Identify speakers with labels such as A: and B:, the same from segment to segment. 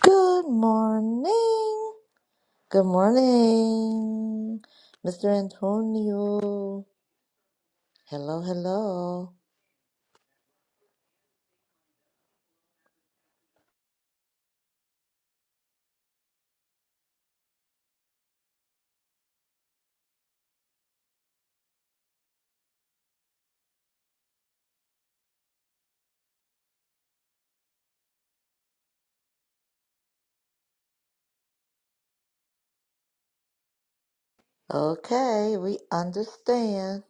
A: Good morning. Good morning, Mr. Antonio. Hello, hello. Okay, we understand.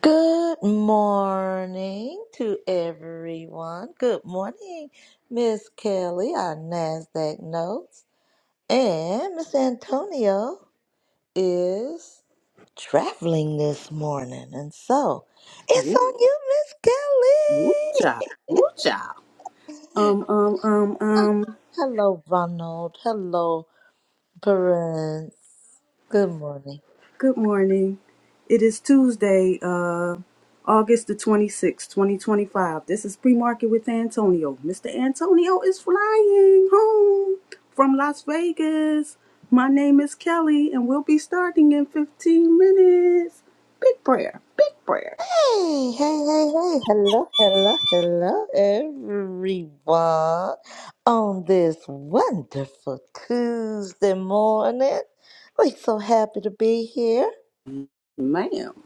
A: Good morning to everyone. Good morning, Miss Kelly, our NASDAQ notes. And Miss Antonio is traveling this morning. And so it's
B: Woo,
A: on you, Miss
B: woo,
A: Kelly.
B: cha, woo, cha. Um, um, um, um.
A: Hello, Ronald. Hello, Prince. Good morning.
B: Good morning. It is Tuesday, uh, August the twenty sixth, twenty twenty five. This is pre market with Antonio. Mister Antonio is flying home from Las Vegas. My name is Kelly, and we'll be starting in fifteen minutes. Big prayer, big prayer,
A: Hey, hey, hey, hey. Hello, hello, hello, everyone. On this wonderful Tuesday morning, we're so happy to be here.
B: ma'am.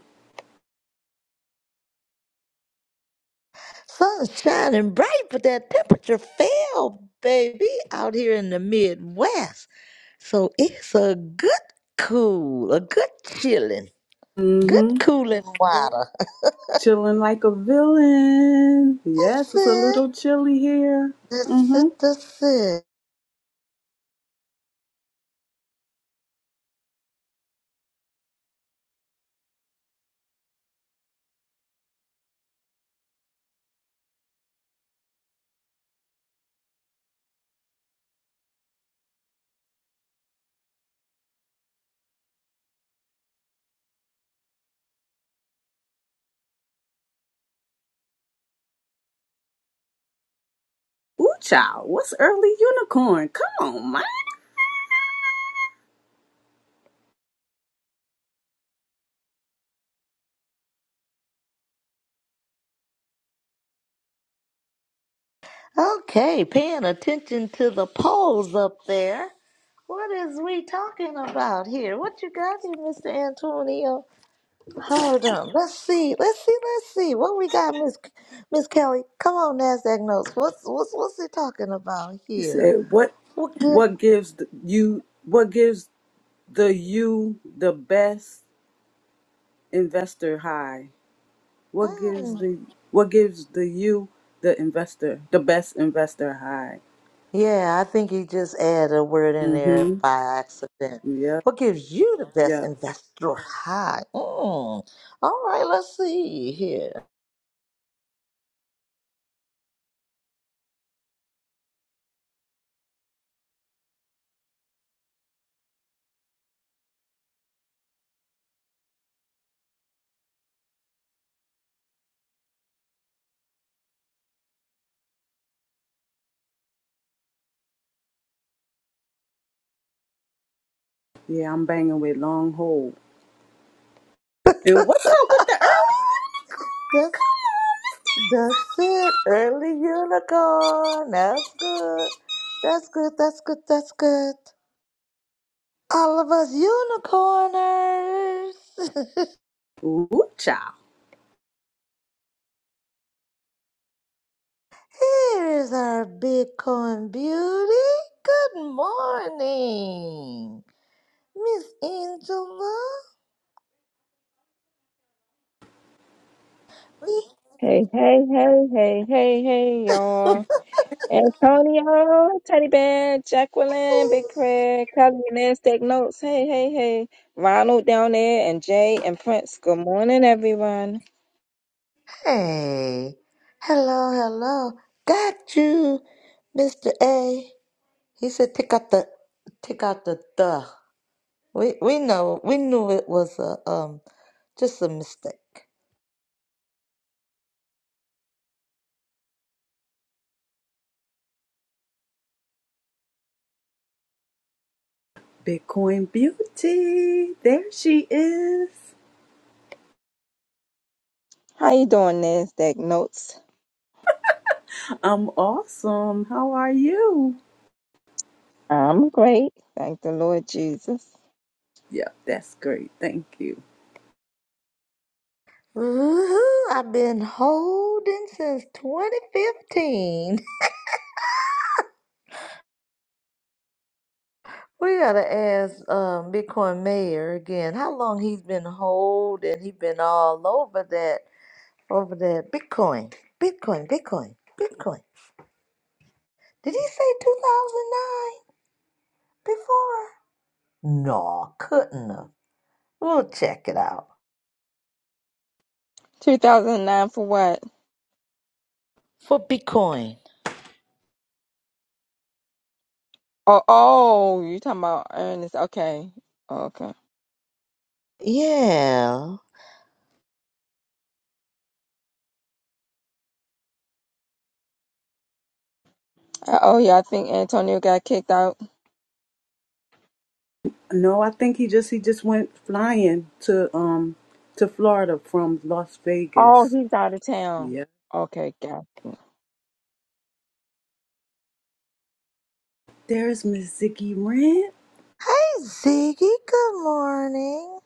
A: Sun's shining bright, but that temperature fell, baby, out here in the Midwest. So it's a good cool, a good chilling, good
B: Mm-hmm.
A: cooling water.
B: Chilling like a villain.
A: That's
B: Yes, it's a
A: it.
B: little chilly here.
A: This
B: Mhm.
A: is this is.
B: Ooh, child, what's early unicorn? Come on, man.
A: Okay, paying attention to the polls up there. What is we talking about here? What you got here, Mr. Antonio? Hold on. Let's see. Let's see. Let's see. What we got, Miss Miss Kelly? Come on, Nasdaq notes. What's what's what's he talking about
B: He
A: here?
B: said, "What,
A: What good?
B: what gives the, you? What gives the you the best investor high? What gives
A: Mm.
B: the what gives the you the investor the best investor high?"
A: Yeah, I think he just added a word in there
B: Mm-hmm.
A: by accident.
B: Yeah,
A: What gives you the best
B: yeah,
A: investor high? Mm. All right, let's see here.
B: yeah. I'm banging with long hold. And what's up with the early unicorn?
A: That's,
B: Come
A: that's it. Early unicorn. That's good. That's good. That's good. That's good. All of us unicorners.
B: on, Mister. Ooh, child,
A: Here is our Bitcoin beauty. Good morning, Miss Angela.
C: Hey, hey, hey, hey, hey, hey, y'all. Antonio, Teddy Bear, Jacqueline, Big Craig, Kelly, Liz, take notes. Hey, hey, hey. Ronald down there and Jay and Prince. Good morning, everyone.
A: Hey. Hello, hello. Got you, Mr. A. He said, take out the, take out the the. We we know we knew it was a um just a mistake.
B: Bitcoin beauty. There she is.
C: How you doing, Liz? Take notes.
B: I'm awesome. How are you?
C: I'm great. Thank the Lord Jesus.
B: Yeah, that's great. Thank you.
A: Woo-hoo, I've been holding since 2015. We gotta ask um Bitcoin Mayor again how long he's been holding. He's been all over that over that Bitcoin, Bitcoin, Bitcoin, Bitcoin. Did he say 2009 before? No, couldn't have. We'll check it out
C: 2009 for what?
A: for Bitcoin.
C: Oh, oh, you talking about Ernest. Okay. Okay. Uh,
A: Yeah.
C: Oh, yeah, I think Antonio got kicked out.
B: No, I think he just he just went flying to um to Florida from Las
C: Oh,
B: Vegas.
C: he's out of town.
B: Yeah,
C: Okay,
B: There's Miss Ziggy Rant.
A: Ziggy, good morning.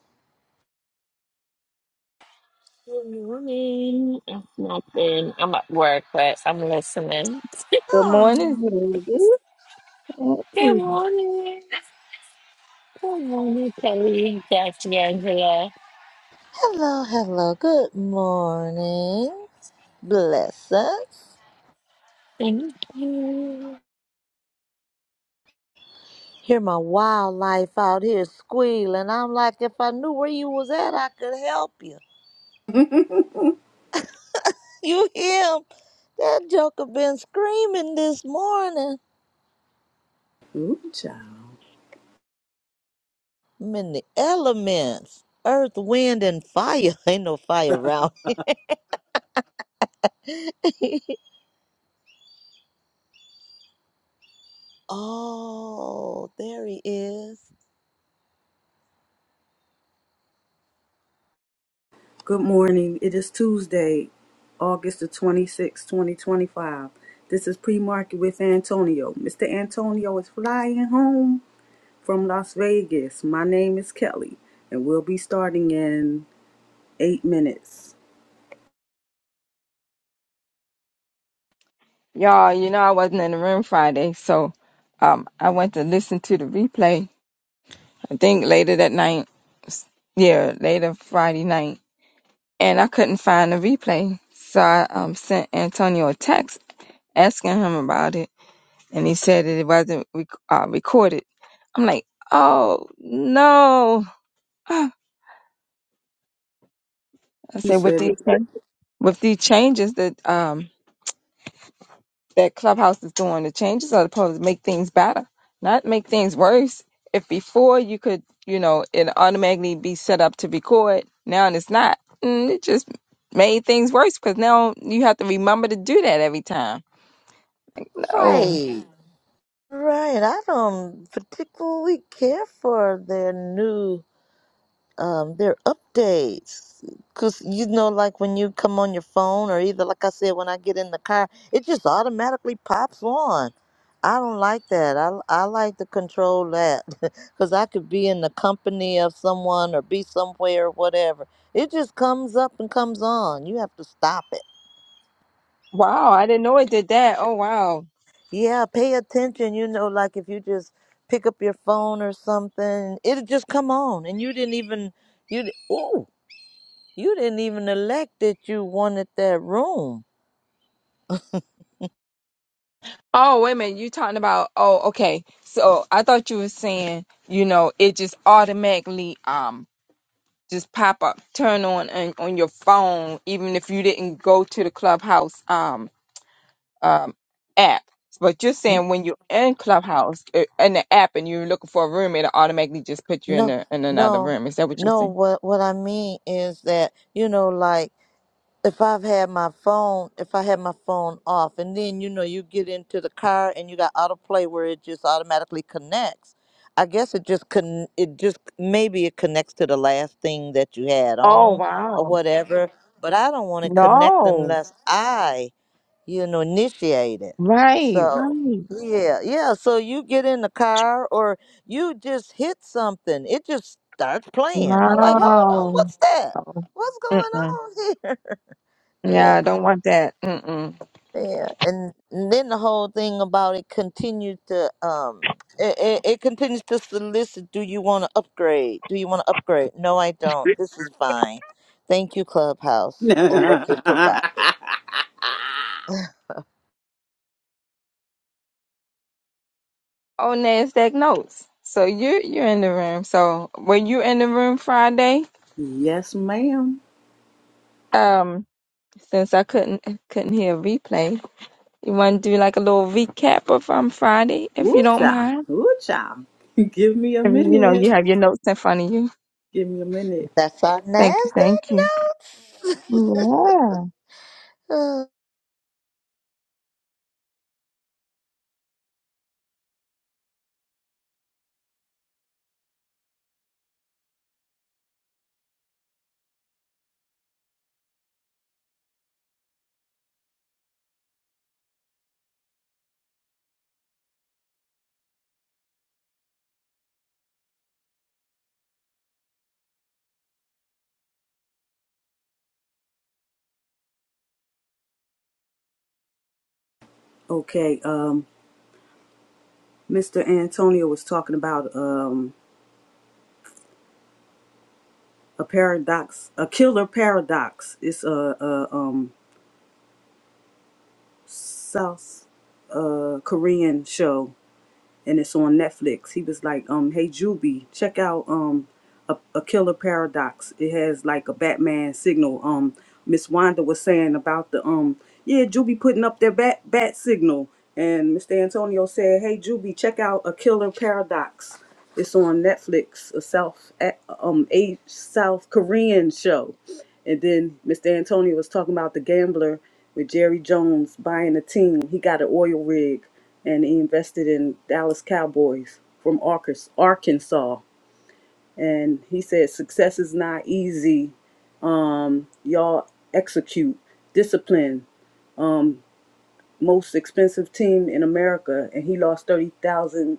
D: Good morning. It's nothing. I'm at work, but I'm listening.
C: Good morning,
A: Oh,
C: baby.
D: Good morning. Good morning, Kelly, Jackie, Angela.
A: hello, hello, good morning. Bless us.
D: Thank you.
A: Hear my wildlife out here squealing. I'm like, if I knew where you was at, I could help you. You him? That joker been screaming this morning.
B: Ooh, child.
A: I'm in the elements. Earth, wind, and fire. Ain't no fire around. oh, there he is.
B: Good morning. It is Tuesday, August the 26th, 2025. This is pre-market with Antonio. Mr. Antonio is flying home from Las Vegas. My name is Kelly, and we'll be starting in eight minutes.
C: Y'all, you know I wasn't in the room Friday, so um I went to listen to the replay. I think later that night. s- Yeah, later Friday night. And I couldn't find the replay. So I um sent Antonio a text asking him about it and he said that it wasn't rec- uh, recorded. I'm like, "Oh, no." I
B: He
C: said with
B: said
C: these with these changes that um that Clubhouse is doing. The changes are supposed to make things better, not make things worse. If before you could, you know, it automatically be set up to record, now it's not. And it just made things worse because now you have to remember to do that every time. Oh,
A: Right. Right. I don't particularly care for their new um their updates. Cause you know, like when you come on your phone or either like I said, when I get in the car, it just automatically pops on. I don't like that. I I like to control that. Cause I could be in the company of someone or be somewhere or whatever. It just comes up and comes on. You have to stop it.
C: wow. I didn't know it did that. Oh, wow.
A: Yeah, pay attention. You know, like if you just pick up your phone or something, it'll just come on, and you didn't even you di- ooh you didn't even elect that you wanted that room.
C: Oh, wait a minute. you talking about, oh, okay. So I thought you were saying, you know, it just automatically um just pop up, turn on and on your phone, even if you didn't go to the Clubhouse um um app. But you're
A: N-
C: saying when you're in Clubhouse uh, in the app and you're looking for a room, it'll automatically just put you in
A: No,
C: the, in another
A: no,
C: room. Is that what you're
A: no.
C: saying?
A: What what I mean is that you know, like. if I've had my phone, if I had my phone off, and then you know you get into the car and you got autoplay where it just automatically connects. I guess it just con it just maybe it connects to the last thing that you had
C: Oh
A: on or
C: wow!
A: whatever. But I don't want to connect
C: No,
A: unless I you know initiate it.
C: right,
A: So
C: right.
A: yeah, yeah. So you get in the car or you just hit something. It just starts playing. I'm like, hold on,
C: Wow.
A: what's that?
C: Oh,
A: What's going
C: Mm-mm.
A: on here?
C: Yeah,
A: Yeah.
C: I don't want that. Mm-mm.
A: Yeah, and then the whole thing about it continues to um, it, it, it continues to solicit. Do you want to upgrade? Do you want to upgrade? No, I don't. This is fine. Thank you, Clubhouse, for what you provided.
B: yes,
C: Oh, Nasdaq notes. So you you're in the room. So were you in the room Friday?
B: ma'am.
C: Um, since I couldn't couldn't hear a replay, you want to do like a little recap of um Friday, if
B: Woo
C: you don't
B: child.
C: mind.
B: Woo child. Give me a
C: If you know
B: minute.
C: you have your notes in front of you.
B: Give me a minute.
A: That's our
C: Thank you,
A: Nasdaq
C: thank you.
A: notes.
C: Yeah.
A: Oh,
B: Okay, um, Mr. Antonio was talking about um a paradox, a killer paradox. It's a, a um South uh Korean show and it's on Netflix. He was like, um, hey Juby, check out um a, a killer paradox. It has like a Batman signal. Um Miss Wanda was saying about the um yeah, Juby putting up their bat bat signal. And Mr. Antonio said, Hey Juby, check out a killer paradox. It's on Netflix, a South a- um a South Korean show. And then Mr. Antonio was talking about the gambler with Jerry Jones buying a team. He got an oil rig and he invested in Dallas Cowboys from Arkas- Arkansas. And he said, Success is not easy. Um, y'all execute discipline, most expensive team in America. And he lost $30,000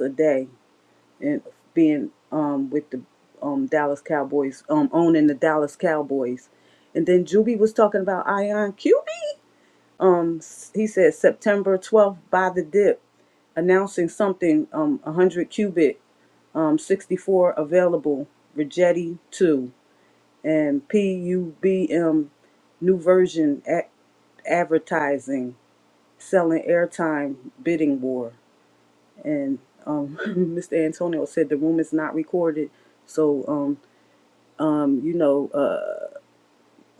B: a day in being um, with the um, Dallas Cowboys, um, owning the Dallas Cowboys. And then Juby was talking about Ion QB. um s- he said September 12th by the dip announcing something um 100 cubit um 64 available Rigetti 2 and PUBM new version at advertising selling airtime bidding war and um Mr. Antonio said the room is not recorded so um um you know uh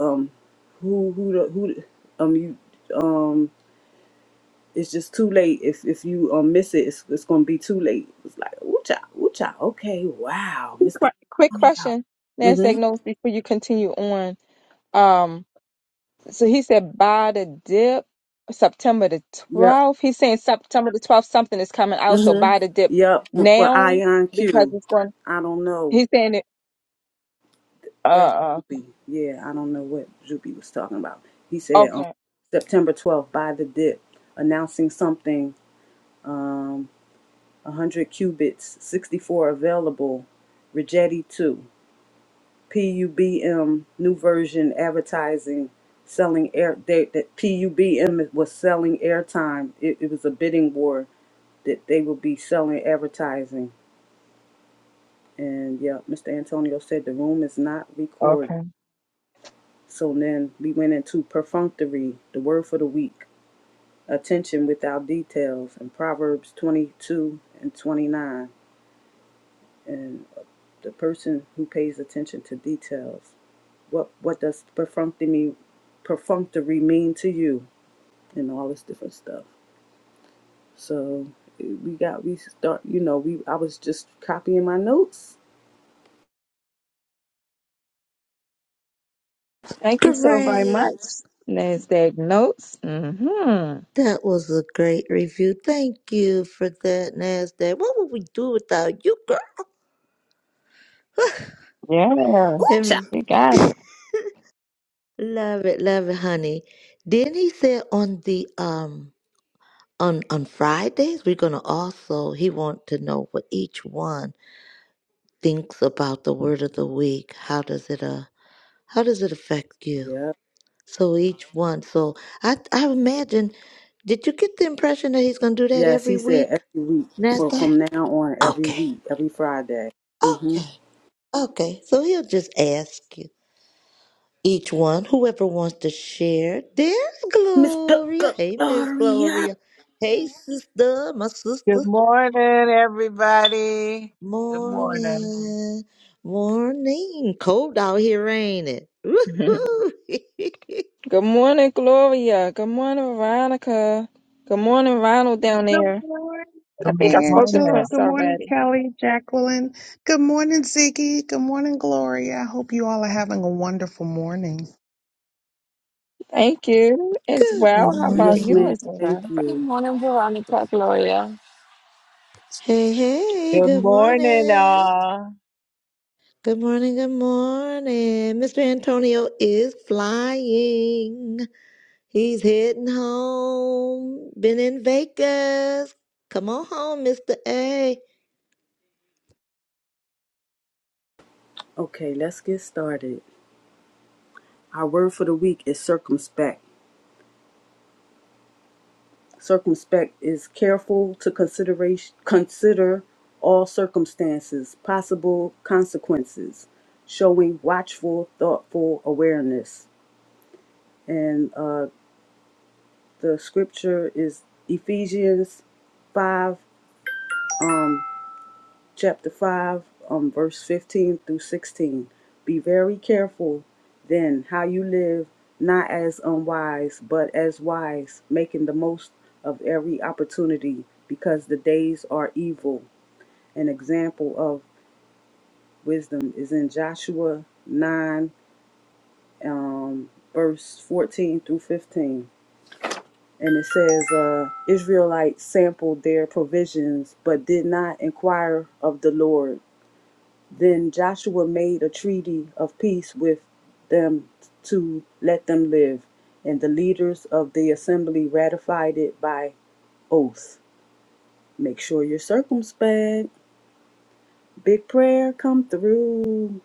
B: um who who the, who the- um you um, it's just too late. If if you um miss it, it's it's gonna be too late. It's like ooh cha, ooh cha. Okay, wow, Mr.
C: Quick, quick
B: Antonio.
C: question, Nasdaq
B: Mhm.
C: notes. Before you continue on, Um. So he said buy the dip September the
B: Yep.
C: 12th. He's saying September the 12th, something is coming
B: Mm
C: out. So
B: Mhm.
C: buy the dip
B: Yep. For
C: now
B: Ion
C: because
B: Q,
C: it's going,
B: I don't know what
C: he's saying it. Uh,
B: that
C: uh,
B: should be. Yeah, I don't know what Juby was talking about. He said um
C: okay,
B: September twelfth by the dip, announcing something um hundred qubits, sixty four available, Rigetti two. PUBM New Version Advertising selling air they, that PUBM was selling airtime. It, it was a bidding war that they would be selling advertising. And yeah, Mr. Antonio said the room is not recorded.
C: okay.
B: So then we went into perfunctory, the word for the week, attention without details, and Proverbs 22 and 29. And the person who pays attention to details What what does perfunctory mean, perfunctory mean to you, and all this different stuff. So we got we start. You know, we I was just copying my notes.
C: Thank you so very
A: great.
C: much. NASDAQ notes. Mm-hmm.
A: That was a great review. Thank you for that, Nasdaq. What would we do without you, girl?
C: Yeah,
B: Ooh, child.
A: And
C: you got it.
A: love it, love it, honey. Then he said on the um. on on Fridays we're going to also he want to know what each one thinks about the word of the week how does it uh how does it affect you
B: Yeah.
A: so each one so I I imagine did you get the impression that he's going to do that
B: Yes,
A: every
B: he said
A: week
B: every week for
A: Nasdaq
B: from now on, every
A: okay
B: week, every Friday. Mm-hmm.
A: okay okay so he'll just ask you each one whoever wants to share there's
B: Miss G- G-
A: Gloria hey Miss
B: Gloria.
A: Gloria hey sister my sister
E: Good morning, everybody. Good morning.
A: Morning, morning. Cold out here, ain't it? Woo-hoo.
C: Good morning, Gloria. Good morning, Veronica. Good morning, Ronald down
F: Good
C: there.
F: morning,
C: I think
E: Good
C: I spoke to
E: morning.
F: Angela.
C: Prince
F: Good morning,
C: already.
F: Kelly, Jacqueline. Good morning, Ziggy. Good morning, Gloria. I hope you all are having a wonderful morning.
C: Thank you as
A: Good
C: well. How about
B: Yes,
C: you
A: morning.
B: ma'am.
C: as well,
B: Thank
C: Veronica?
D: Good
B: you.
D: morning, Veronica, Gloria.
A: Hey, hey,
E: Good
A: good
E: morning,
A: morning.
E: all.
A: Good morning, good morning. Mr. Antonio is flying. He's heading home. Been in Vegas. Come on home, Mr. A.
B: Okay, let's get started. Our word for the week is circumspect. Circumspect is careful to consideration, consider all circumstances, possible consequences, showing watchful, thoughtful awareness. And uh, the scripture is Ephesians 5, chapter 5, um, verse 15 through 16. Be very careful then how you live, not as unwise, but as wise, making the most of every opportunity, because the days are evil. an example of wisdom is in Joshua 9, um, verse 14 through 15. And it says, uh, Israelites sampled their provisions, but did not inquire of the Lord. Then Joshua made a treaty of peace with them to let them live. And the leaders of the assembly ratified it by oath. Make sure you're circumspect. Big prayer come through.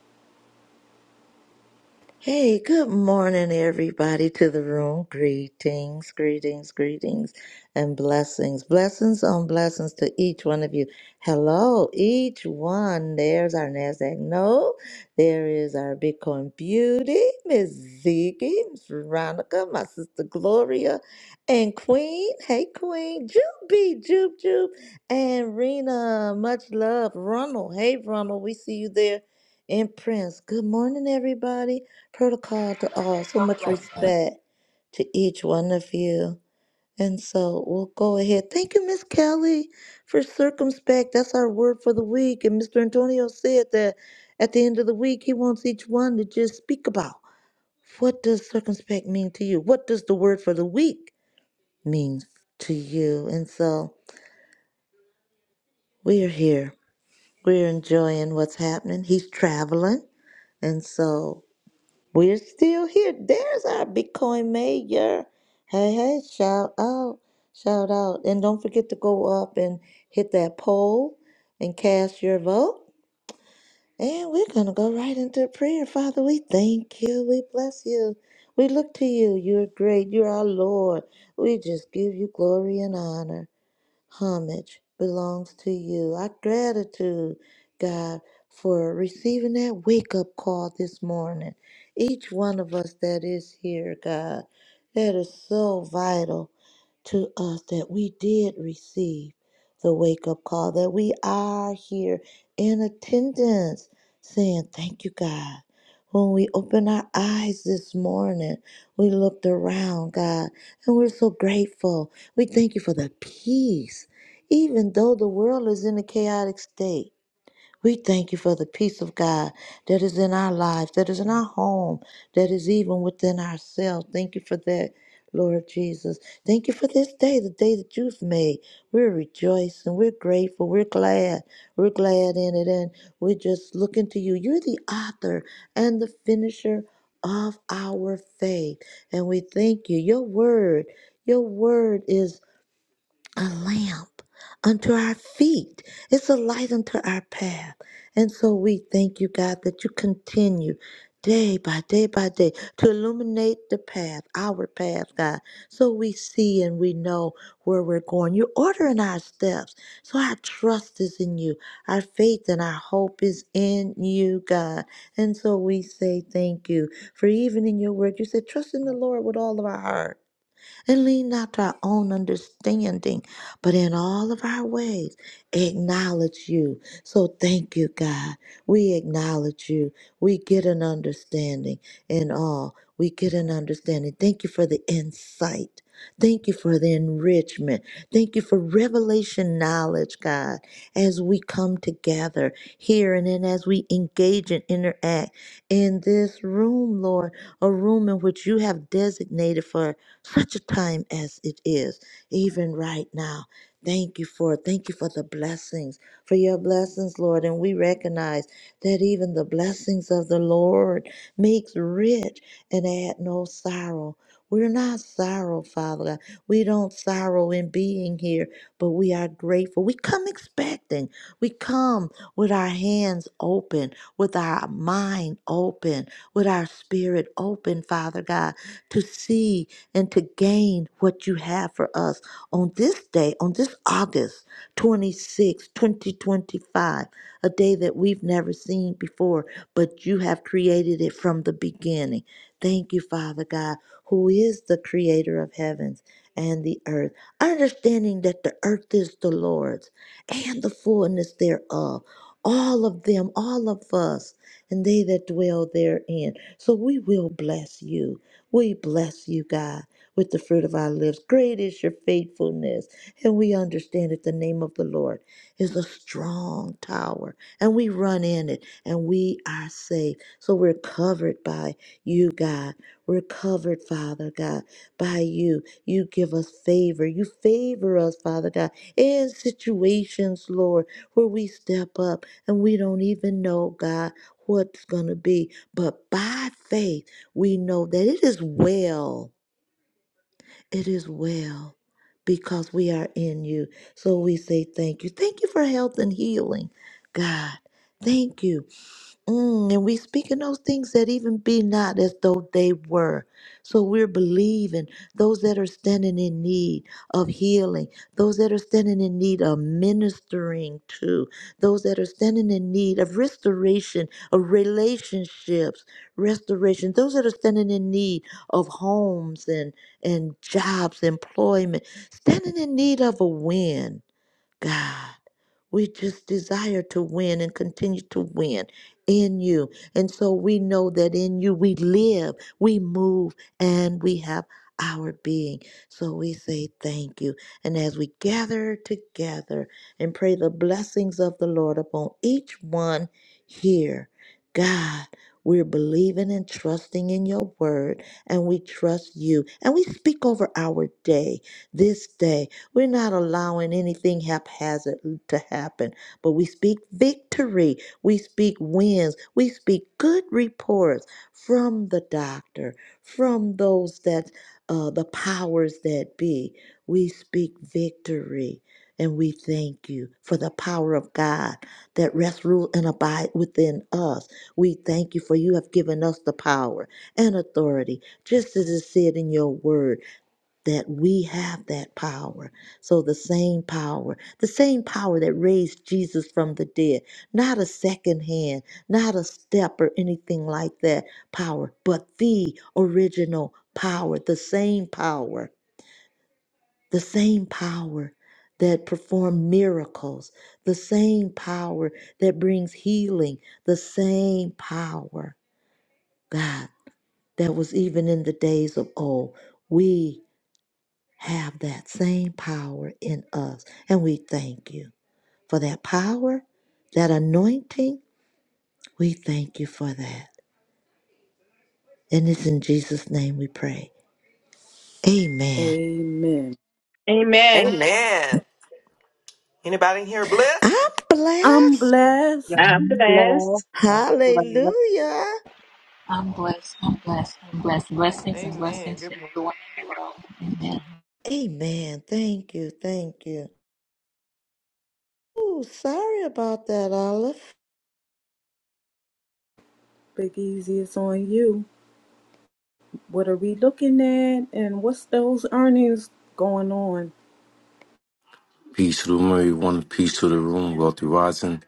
A: Hey, good morning, everybody, to the room. Greetings, greetings, greetings, and blessings. Blessings on blessings to each one of you. Hello, each one. There's our NASDAQ. No, there is our Bitcoin Beauty, Miss Ziggy, Miss Veronica, my sister Gloria, and Queen. Hey, Queen. Juby, Jube, Jube, and Rena. Much love. Ronald. Hey, Ronald. We see you there. And Prince, good morning, everybody protocol to all. So much respect to each one of you. And so we'll go ahead. Thank you, Miss Kelly, for circumspect. That's our word for the week. And Mr. Antonio said that at the end of the week, he wants each one to just speak about what does circumspect mean to you? What does the word for the week mean to you? And so we're here. We're enjoying what's happening. He's traveling. And so We're still here. There's our Bitcoin mayor. Hey, hey, shout out, shout out. And don't forget to go up and hit that poll and cast your vote. And we're going to go right into prayer. Father, we thank you. We bless you. We look to you. You're great. You're our Lord. We just give you glory and honor homage belongs to you. Our gratitude, God, for receiving that wake up call this morning. Each one of us that is here, God, that is so vital to us that we did receive the wake up call, that we are here in attendance saying, Thank you, God. When we open our eyes this morning, we looked around, God, and we're so grateful. We thank you for the peace, even though the world is in a chaotic state. We thank you for the peace of God that is in our lives, that is in our home, that is even within ourselves. Thank you for that, Lord Jesus. Thank you for this day, the day that you've made. We're rejoicing. We're grateful. We're glad. We're glad in it. And we're just looking to you. You're the author and the finisher of our faith. And we thank you. Your word, your word is a lamp unto our feet. It's a light unto our path. And so we thank you, God, that you continue day by day by day to illuminate the path, our path, God, so we see and we know where we're going. You're ordering our steps. So our trust is in you. Our faith and our hope is in you, God. And so we say thank you. For even in your word, you said, trust in the Lord with all of our heart and lean not to our own understanding, but in all of our ways acknowledge you. So thank you, God. We acknowledge you. We get an understanding in all. We get an understanding. Thank you for the insight. Thank you for the enrichment. Thank you for revelation knowledge, God, as we come together here and then as we engage and interact in this room, Lord, a room in which you have designated for such a time as it is, even right now. Thank you for it. thank you for the blessings, for your blessings, Lord. And we recognize that even the blessings of the Lord makes rich and add no sorrow. We're not sorrow, Father God. We don't sorrow in being here, but we are grateful. We come expecting. We come with our hands open, with our mind open, with our spirit open, Father God, to see and to gain what you have for us on this day, on this August twenty-sixth, twenty sixth, 2025, a day that we've never seen before, but you have created it from the beginning. Thank you, Father God, who is the creator of heavens and the earth, understanding that the earth is the Lord's and the fullness thereof. All of them, all of us, and they that dwell therein. So we will bless you. We bless you, God, with the fruit of our lips. Great is your faithfulness. And we understand that the name of the Lord is a strong tower, and we run in it, and we are saved. So we're covered by you, God. We're covered, Father God, by you. You give us favor. You favor us, Father God, in situations, Lord, where we step up and we don't even know, God, what's going to be. But by faith, we know that it is well. It is well because we are in you. So we say thank you. Thank you for health and healing, God. Thank you. Mm, and we speaking those things that even be not as though they were. So we're believing those that are standing in need of healing, those that are standing in need of ministering to, those that are standing in need of restoration of relationships, restoration, those that are standing in need of homes and and jobs, employment, standing in need of a win, God. We just desire to win and continue to win in you. And so we know that in you we live, we move, and we have our being. So we say thank you. And as we gather together and pray the blessings of the Lord upon each one here, God, we're believing and trusting in your word, and we trust you. And we speak over our day, this day. We're not allowing anything haphazard to happen, but we speak victory. We speak wins. We speak good reports from the doctor, from those that uh, the powers that be. We speak victory. And we thank you for the power of God that rests, rule, and abide within us. We thank you for you have given us the power and authority, just as it said in your word that we have that power. So the same power, the same power that raised Jesus from the dead, not a second hand, not a step or anything like that power, but the original power, the same power, the same power that performed miracles, the same power that brings healing, the same power, God, that was even in the days of old. We have that same power in us. And we thank you for that power, that anointing. We thank you for that. And it's in Jesus' name we pray. Amen.
B: Amen.
C: Amen.
G: Amen. Anybody in here blessed?
A: I'm
B: I'm
A: blessed.
E: you
B: blessed.
C: I'm blessed.
E: bless. you bless.
A: Hallelujah.
H: I'm blessed. I'm blessed. I'm blessed. Blessings and
G: Amen.
H: blessings
G: Good
H: to
G: morning.
H: everyone in the world. Amen.
A: Amen. Thank you. Thank you. Ooh, sorry about that, Olive.
B: Big Easy, it's on you. What are we looking at? And what's those earnings going on?
I: Peace to the room, everyone. Peace to the room. Wealthy rising.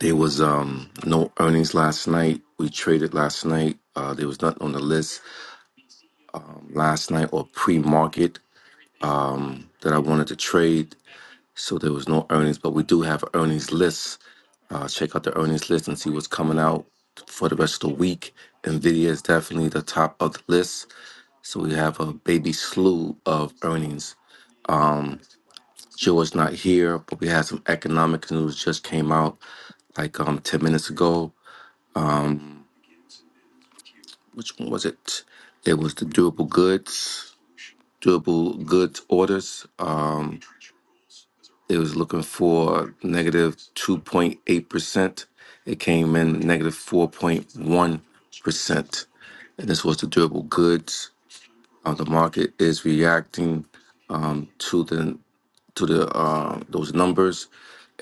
I: There was um no earnings last night. We traded last night. Uh, there was nothing on the list last night or pre-market that I wanted to trade. So there was no earnings, but we do have earnings lists. Uh, check out the earnings list and see what's coming out for the rest of the week. Nvidia is definitely the top of the list. So we have a baby slew of earnings. Joe is not here, but we had some economic news just came out like um 10 minutes ago. which one was it? It was the durable goods, durable goods orders. Uh, It was looking for 2.8%. It came in 4.1%. And this was the durable goods. Uh, the market is reacting to the to the uh, those numbers,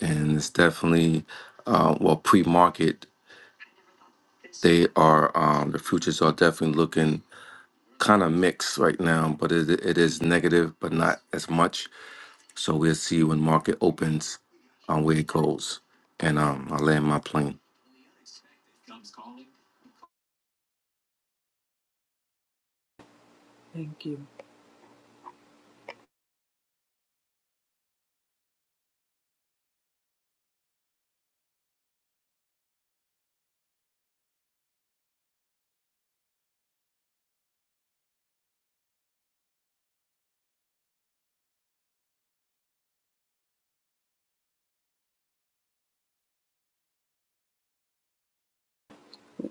I: and it's definitely uh, well pre-market. They are um, the futures are definitely looking kind of mixed right now, but it, it is negative, but not as much. So we'll see when market opens, um, where it goes, and um, I land my plane.
B: Thank you.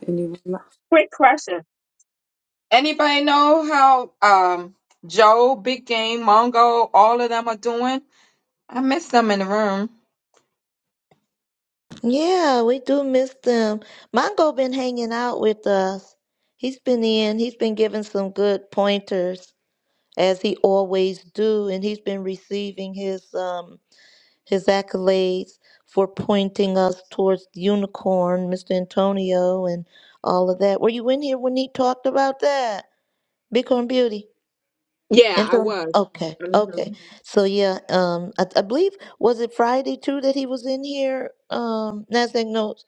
B: Anyone? else?
C: Quick question. Anybody know how um Joe, Big Game, Mongo, all of them are doing? I missed them in the room.
A: Yeah, we do miss them. Mongo been hanging out with us. He's been in. He's been giving some good pointers. as he always do and he's been receiving his um his accolades for pointing us towards the unicorn mr antonio and all of that were you in here when he talked about that bitcoin beauty
C: Yeah, I
A: Anton-
C: was.
A: okay
C: hmm
A: okay so yeah um I, I believe was it friday too that he was in here um nasdaq notes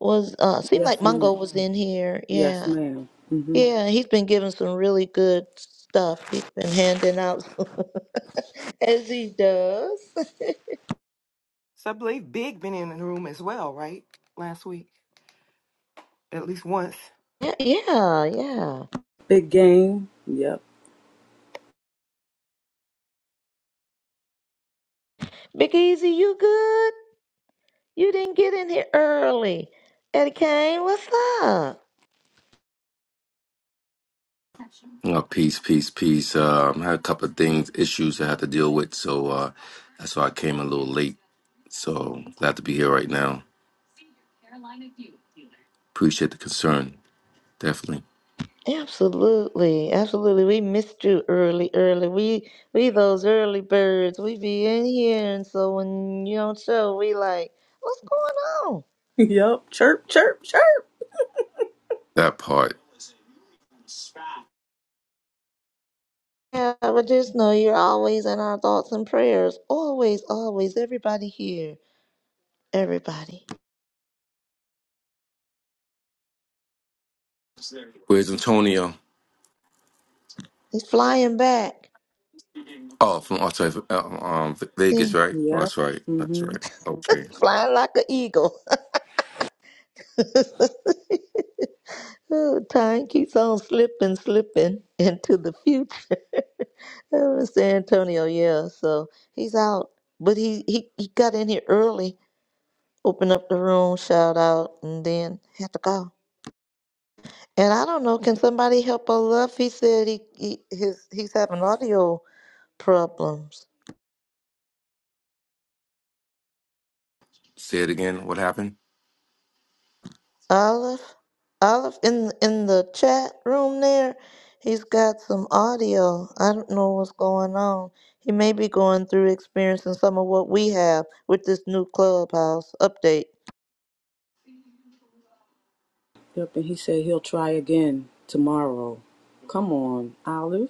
A: was uh seemed like
B: Yes, ma'am.
A: mongo was in here
B: Yes,
A: yeah
B: madam Mm-hmm.
A: yeah, he's been giving some really good stuff. He's been handing out as he does.
G: So I believe Big been in the room as well, right? Last week, at least once.
A: Yeah, yeah, yeah.
B: Big game. Yep.
A: Big Easy, you good? You didn't get in here early. Eddie Kane, what's up?
I: Uh, peace, peace, peace. Uh, I had a couple of things, issues I had to deal with, so uh, that's why I came a little late. So glad to be here right now. Appreciate the concern, definitely.
A: Absolutely, absolutely. We missed you early, early. We we those early birds. We be in here, and so when you don't show, we like, what's going
B: Yep. Chirp, chirp, chirp.
I: That part.
A: Yeah, but just know you're always in our thoughts and prayers. Always, always. Everybody here. Everybody.
I: Where's Antonio?
A: He's flying back.
I: Oh, from oh, sorry, uh, um,
A: He's
I: Vegas, right? Oh,
B: Yep.
I: that's right. That's
B: Mm-hmm.
I: right. Okay.
A: flying like an eagle. Oh, Time keeps on slipping, slipping into the future. Oh, Mr. Antonio, yeah. So he's out. But he, he, he got in here early, opened up the room, shout out, and then had to go. And I don't know, can somebody help us up? He said he, he his he's having audio problems.
I: Say it again. What happened?
A: Olive, Olive, in in the chat room there, he's got some audio. I don't know what's going on. He may be going through experiencing some of what we have with this new clubhouse update.
B: Yep. And he said he'll try again tomorrow. Come on, Olive.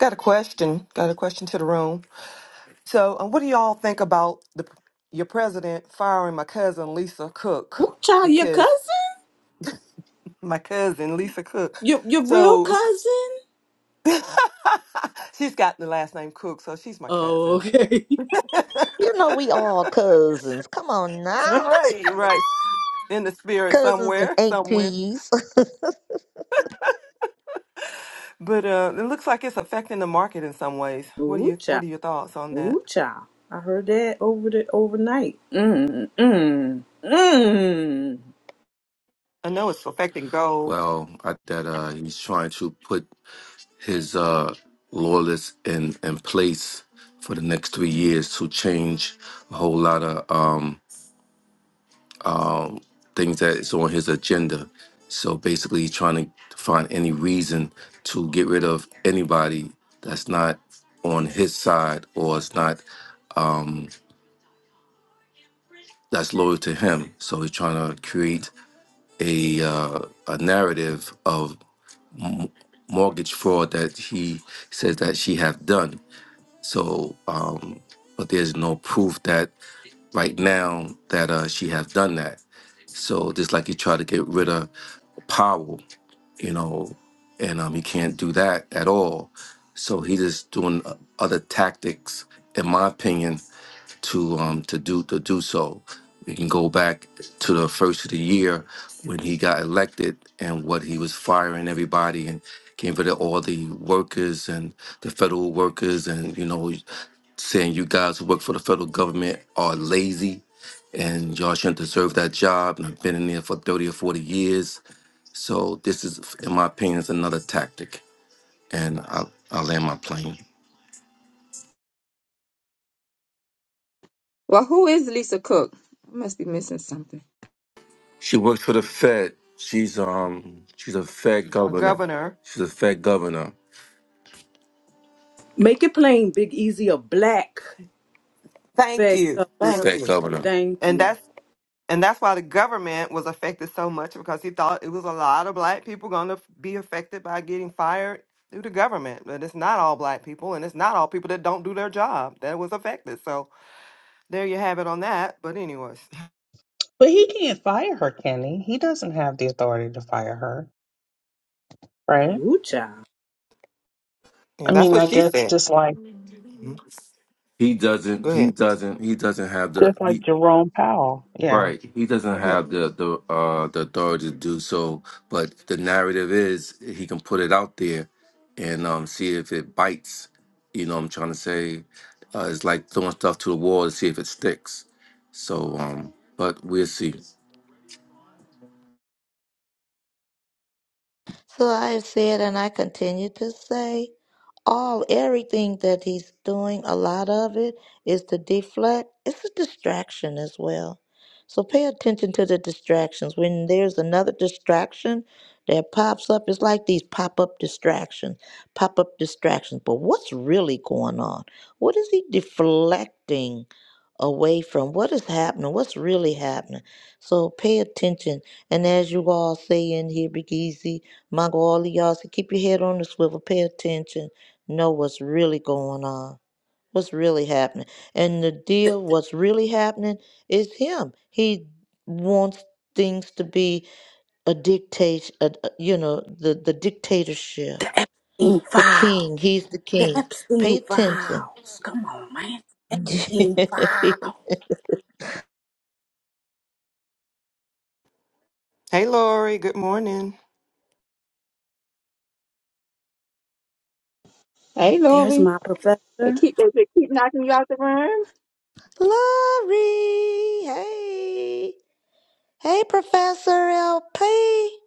G: Got a question. Got a question to the room. So, um, what do y'all think about the your president firing my cousin Lisa Cook
B: Ooh, child, your
G: because
B: cousin?
G: my cousin Lisa Cook.
B: Your, your real
G: So
B: cousin?
G: she's got the last name Cook, so she's my
B: Oh,
G: cousin.
B: okay.
A: You know, we all cousins. Come on now,
G: right, right. In the spirit
A: cousins and
G: somewhere, somewhere.
A: aunties.
G: But uh, it looks like it's affecting the market in some ways. What are
B: Ooh,
G: you What are your thoughts on that?
B: Ooh, child. I heard that over the overnight. Mm, mm, mm.
G: I know it's affecting gold.
I: Well, I, that uh, he's trying to put his uh, lawyers in, in place for the next three years to change a whole lot of um, things that is on his agenda. So basically, he's trying to find any reason to get rid of anybody that's not on his side or it's not um, that's loyal to him. So he's trying to create a uh, a narrative of. m- mortgage fraud that he says that she have done. So, um, but there's no proof that right now that uh, she have done that. So just like he tried to get rid of Powell, you know, and um, he can't do that at all. So he just doing uh, other tactics, in my opinion, to um to do to do so. We can go back to the first of the year when he got elected and what he was firing everybody and getting rid of all the workers and the federal workers and you know saying you guys who work for the federal government are lazy and y'all shouldn't deserve that job and I've been in there for 30 or 40 years. So this is in my opinion is another tactic and I'll, I'll land my plane.
C: Well, who is Lisa Cook? I must be missing something.
I: She works for the Fed. She's um she's a Fed
G: A
I: governor.
G: governor,
I: She's a Fed governor.
B: Make it plain, Big Easy, a black
G: Thank
B: Fed
G: you.
B: governor.
G: Thank
I: Fed
G: you.
I: governor.
B: Thank
G: and
B: you.
G: that's and that's why the government was affected so much because he thought it was a lot of black people going to be affected by getting fired through the government. But it's not all black people, and it's not all people that don't do their job that was affected. So there you have it on that. But anyways,
F: But he can't fire her, can he? He doesn't have the authority to fire her, right?
B: Ooh, child.
G: yeah,
F: I
G: that's
F: mean,
G: what
F: I
G: she
F: guess
G: said.
F: just like
G: Mhm.
I: He
G: Go
I: doesn't he
G: ahead.
I: doesn't he doesn't have the
F: just like
I: he
F: Jerome Powell. Yeah.
I: right. He doesn't have the the uh the authority to do so, but the narrative is he can put it out there and um see if it bites. You know what I'm trying to say? Uh, it's like throwing stuff to the wall to see if it sticks. So um but we'll see.
A: So I said, and I continue to say, all everything that he's doing, a lot of it is to deflect. It's a distraction as well. So pay attention to the distractions. When there's another distraction that pops up, it's like these pop-up distractions, pop-up distractions. But what's really going on? What is he deflecting away from? What is happening? What's really happening? So pay attention. And as you all say in here, Big Easy, my God, all of y'all so keep your head on the swivel, pay attention, know what's really going on, what's really happening. And the deal, what's really happening is him. He wants things to be a dictate, a, a- you know, the, the dictatorship,
B: The Epstein
A: the
B: file.
A: king. He's the
B: The
A: king.
B: Epstein
A: Pay attention.
B: files. Come on, man. Epstein file.
G: Hey, Lori. Good morning.
C: Hey,
B: There's
C: Lori.
B: my
C: They
B: professor.
C: keep they they keep knocking you out the room.
A: Glory. Hey. Hey, Professor LP.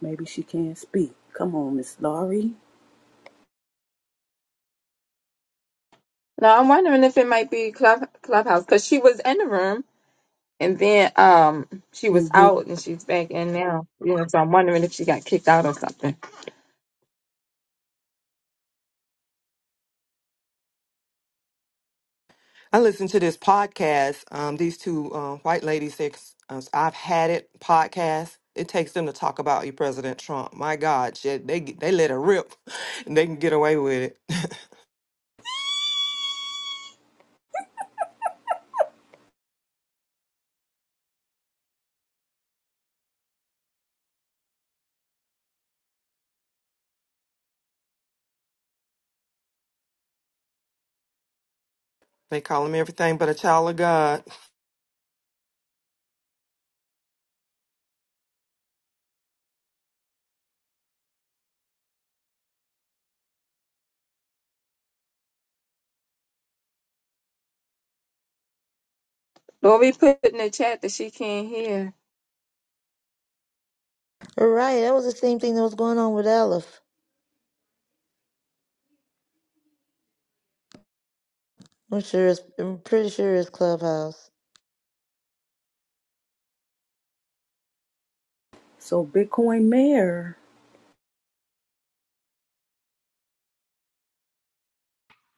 B: Maybe she can't speak. Come on, Miss Laurie.
C: Now I'm wondering if it might be Club Clubhouse because she was in the room and then um she was
B: Mm-hmm.
C: out and she's back in now. You know, so I'm wondering if she got kicked out or something.
G: I listened to this podcast. Um, these two uh, white ladies, they, ex- uh, I've had it podcast. It takes them to talk about you, President Trump. My God, shit, they get- they let it rip, and they can get away with it. they call him everything but a child of God.
C: Lori put in the chat that she can't hear.
A: All right, that was the same thing that was going on with Aleph. I'm sure it's, I'm pretty sure it's Clubhouse.
B: So, Bitcoin mayor.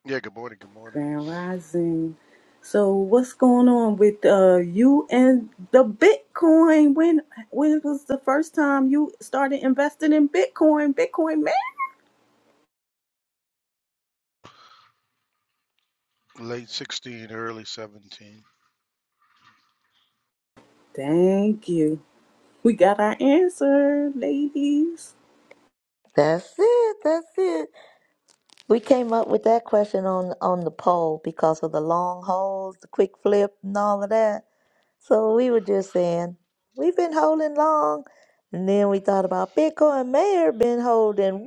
J: Yeah, good morning, good morning.
B: Grand Rising. So what's going on with uh you and the Bitcoin? When when was the first time you started investing in Bitcoin? Bitcoin man.
J: Late 16, early 17.
B: Thank you. We got our answer, ladies.
A: That's it. That's it. We came up with that question on on the poll because of the long holes, the quick flip, and all of that. So we were just saying we've been holding long, and then we thought about Bitcoin Mayor been holding.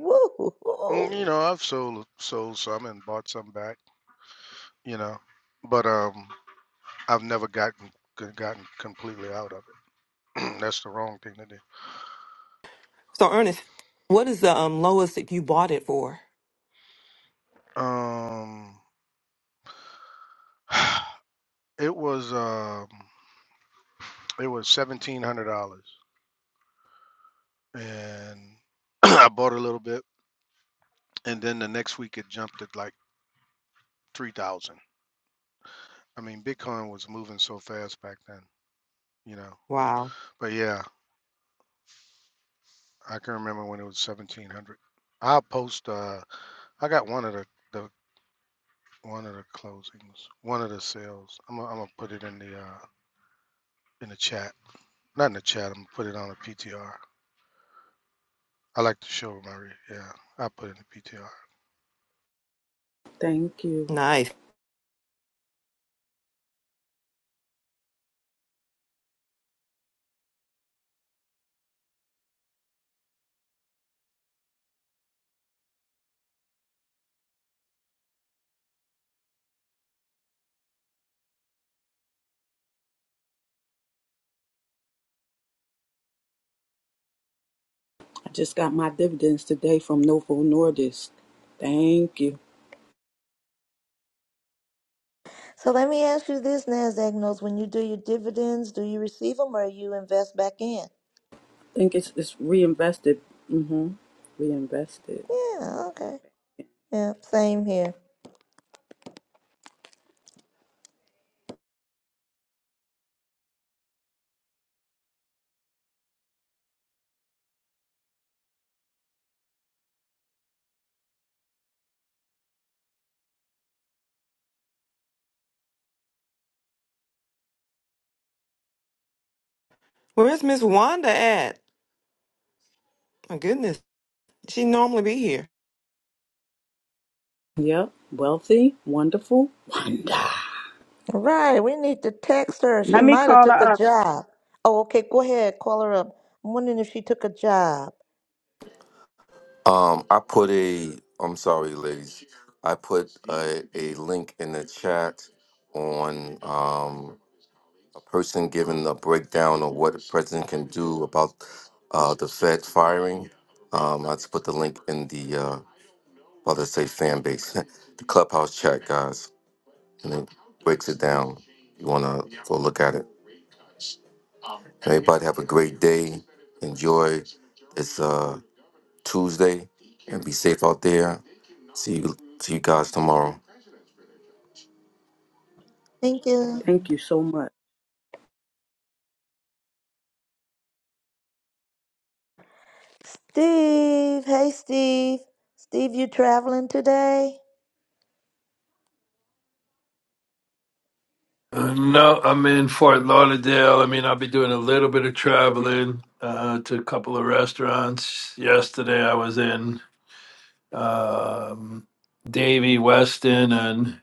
J: Mm, You
A: Woo!
J: know, I've sold sold some and bought some back, you know, but um I've never gotten g- gotten completely out of it. That's the wrong thing to do.
G: So, Ernest, what is the um, lowest that you bought it for?
J: Um it was um it was $1700 and I bought a little bit and then the next week it jumped at like 3000. I mean, Bitcoin was moving so fast back then, you know.
G: Wow,
J: But yeah, I can remember when it was seventeen hundred. I'll post. Uh, I got one of the, the one of the closings, one of the sales. I'm gonna, I'm gonna put it in the uh in the chat. Not in the chat. I'm gonna put it on a PTR. I like to show my re- yeah. I put it in the PTR.
B: Thank you.
G: nice.
B: I just got my dividends today from Novo Nordisk. Thank you.
A: So let me ask you this, Nasdaq knows when you do your dividends, do you receive them or you invest back in?
B: I think it's it's reinvested. Mm-hmm. Reinvested.
A: Yeah. Okay. Yeah. Same here.
G: Where's Miss Wanda at? My goodness, she normally be here.
B: Yep. Wealthy. Wonderful. Wonder.
A: Right, we need to text her. She
C: Let me
A: might have
C: call
A: took a
C: her up.
A: job. Oh, okay, go ahead, call her up. I'm wondering if she took a job.
I: Um, I put a. I'm sorry, ladies. I put a, a link in the chat on um, a person giving a breakdown of what the president can do about uh, the Fed firing. Um, I just put the link in the uh, well, let's say fan base, the clubhouse chat, guys, and it breaks it down. You wanna go look at it. Everybody have a great day. Enjoy. It's uh Tuesday, and be safe out there. See you, see you guys tomorrow.
A: Thank you.
B: Thank you so much.
A: Steve, hey Steve. Steve, you traveling today?
K: Uh, no, I'm in Fort Lauderdale. I mean, I'll be doing a little bit of traveling uh, to a couple of restaurants. Yesterday, I was in um, Davy, Weston, and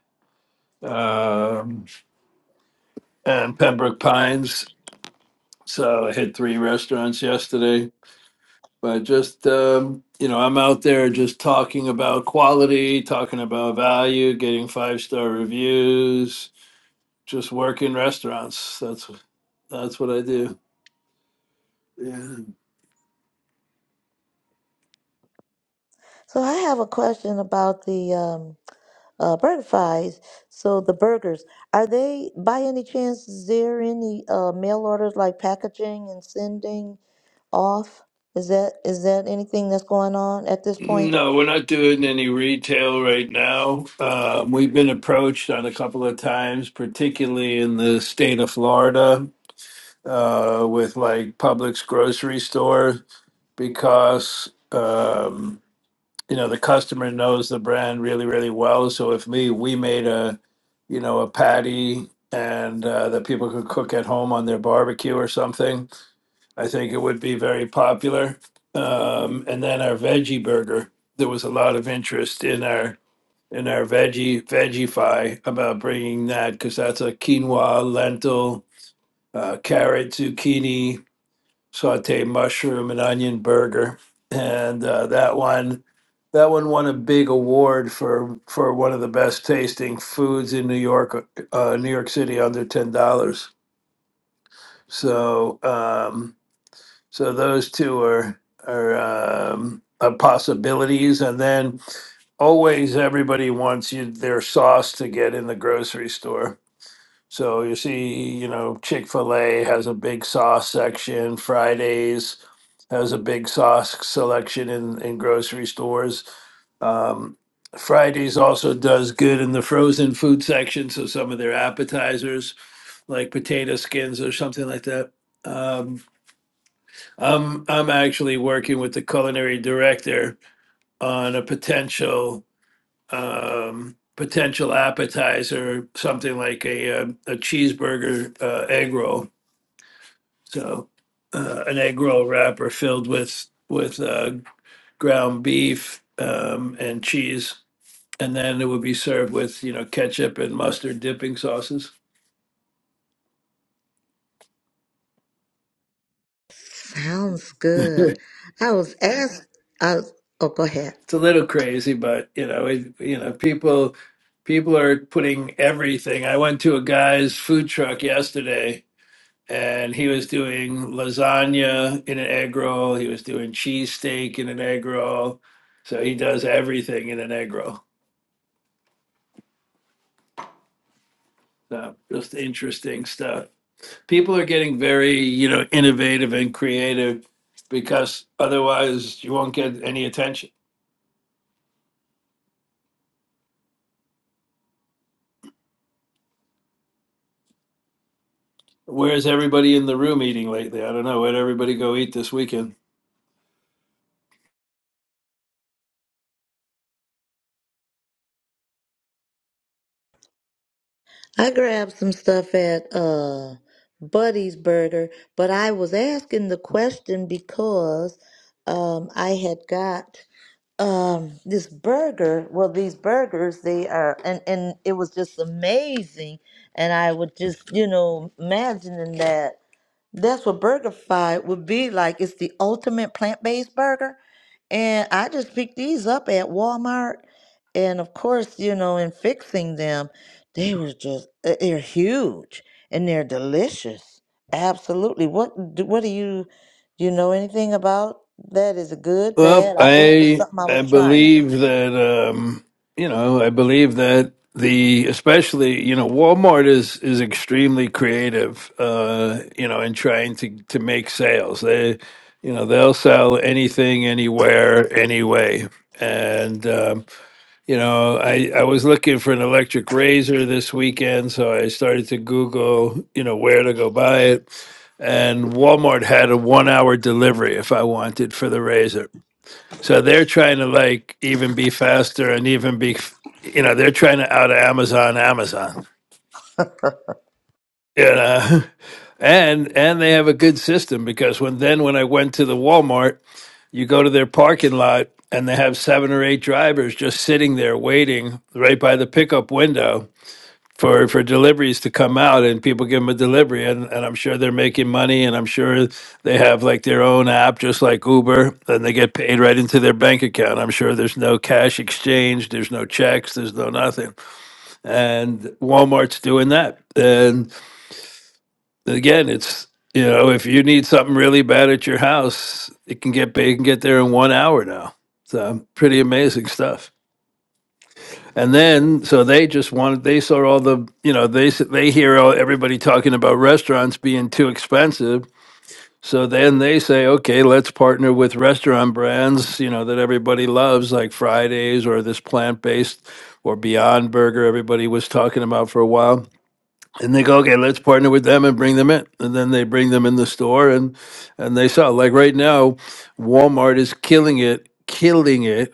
K: um, and Pembroke Pines. So I hit three restaurants yesterday. But just um, you know, I'm out there just talking about quality, talking about value, getting five star reviews, just working restaurants. That's that's what I do. Yeah.
A: So I have a question about the um uh BurgerFi's. So the burgers, are they by any chance is there any uh mail orders like packaging and sending off? Is that is that anything that's going on at this point?
K: No, we're not doing any retail right now. Um, we've been approached on a couple of times, particularly in the state of Florida, uh, with like Publix grocery store, because um, you know the customer knows the brand really, really well. So if me, we made a you know a patty and uh, that people could cook at home on their barbecue or something I think it would be very popular. Um, and then our veggie burger, there was a lot of interest in our in our veggie veggiefy about bringing that because that's a quinoa, lentil, uh, carrot, zucchini, sauteed mushroom, and onion burger, and uh, that one that one won a big award for for one of the best tasting foods in New York, uh, New York City under ten dollars. So. Um, so those two are are, um, are possibilities, and then always everybody wants you their sauce to get in the grocery store. So you see, you know, Chick Fil A has a big sauce section. Fridays has a big sauce selection in in grocery stores. Um, Fridays also does good in the frozen food section, so some of their appetizers, like potato skins or something like that. Um, I'm I'm actually working with the culinary director on a potential um, potential appetizer, something like a um a cheeseburger uh, egg roll. So uh, an egg roll wrapper filled with with uh, ground beef um, and cheese, and then it would be served with you know ketchup and mustard dipping sauces.
A: Sounds good. I was asked. I was, oh, go ahead.
K: it's a little crazy, but you know, it, you know, people people are putting everything. I went to a guy's food truck yesterday, and he was doing lasagna in an egg roll. He was doing cheesesteak in an egg roll. So he does everything in an egg roll. So just interesting stuff. People are getting very you know innovative and creative because otherwise you won't get any attention. Where's everybody in the room eating lately? I don't know. Where'd everybody go eat this weekend?
A: I grabbed some stuff at uh Buddy's Burger, but I was asking the question because um I had got um this burger. Well, these burgers they are, and and it was just amazing. And I would just you know imagining that. That's what BurgerFi would be like. It's the ultimate plant-based burger. And I just picked these up at Walmart. And of course, you know, in fixing them, they were just uh, they're huge and they're delicious. Absolutely. What do, what do you do you know anything about that? Is it good,
K: Well,
A: bad? I, it was just
K: I
A: something I
K: I
A: was trying.
K: believe that um, you know I believe that the especially you know Walmart is is extremely creative uh, you know in trying to to make sales. They you know they'll sell anything, anywhere, anyway And um, you know I I was looking for an electric razor this weekend, so I started to Google you know where to go buy it. And Walmart had a one hour delivery if I wanted for the razor so they're trying to like even be faster and even be, you know, they're trying to out Amazon Amazon, you know, and and they have a good system because when then when I went to the Walmart, you go to their parking lot and they have seven or eight drivers just sitting there waiting right by the pickup window for for deliveries to come out and people give them a delivery and, and I'm sure they're making money and I'm sure they have like their own app just like Uber and they get paid right into their bank account. I'm sure there's no cash exchange, there's no checks, there's no nothing. And Walmart's doing that. And again, it's you know, if you need something really bad at your house, it can get it can get there in 1 hour now. So, pretty amazing stuff. And then, so they just wanted, they saw all the, you know, they s- they hear all, everybody talking about restaurants being too expensive. So then they say, okay, let's partner with restaurant brands, you know, that everybody loves, like Fridays or this plant based or Beyond Burger, everybody was talking about for a while. And they go, okay, let's partner with them and bring them in. And then they bring them in the store and and they sell. Like right now, Walmart is killing it, killing it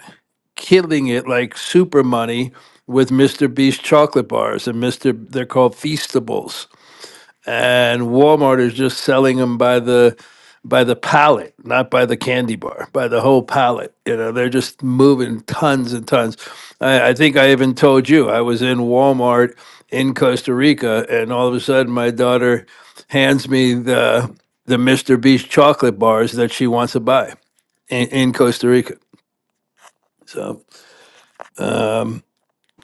K: killing it like super money with Mr. Beast chocolate bars and Mr. They're called Feastables, and Walmart is just selling them by the by the pallet, not by the candy bar, by the whole pallet. You know, they're just moving tons and tons. I, I think I even told you I was in Walmart in Costa Rica, and all of a sudden my daughter hands me the the Mr. Beast chocolate bars that she wants to buy in, in Costa Rica. So. Um,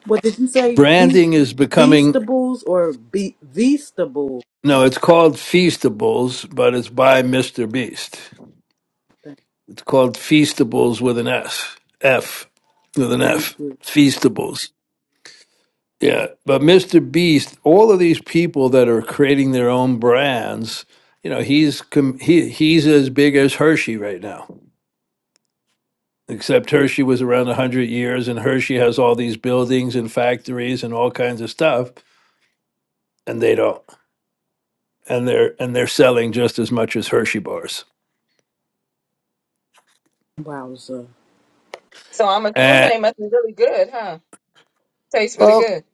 B: What did you say? Ve-
K: Branding is becoming
B: Beastables or be- Veastable?
K: no, it's called Feastables, but it's by Mr. Beast.
B: Th-
K: It's called Feastables with an S. F with an
B: Thank
K: F.
B: you.
K: Feastables. Yeah. But Mr. Beast, all of these people that are creating their own brands, you know, he's com- he he's as big as Hershey right now. Except Hershey was around 100 years and Hershey has all these buildings and factories and all kinds of stuff and they don't. And they're and they're selling just as much as Hershey bars.
B: Wowza.
C: So I'm assuming
K: Uh,
C: they must be really good, huh? Tastes really
K: well,
C: good.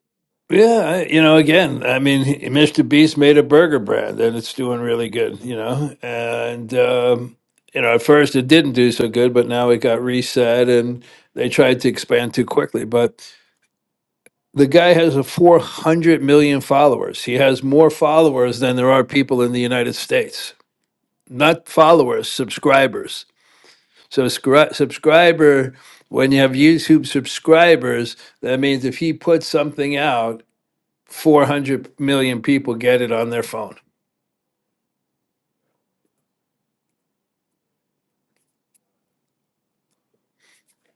K: yeah, you know, again, I mean, he- Mr. Beast made a burger brand and it's doing really good, you know. And, um, you know, at first it didn't do so good, but now it got reset and they tried to expand too quickly. But the guy has a 400 million followers. He has more followers than there are people in the United States. Not followers, subscribers. So, scri- subscriber, when you have YouTube subscribers, that means if he puts something out, 400 million people get it on their phone.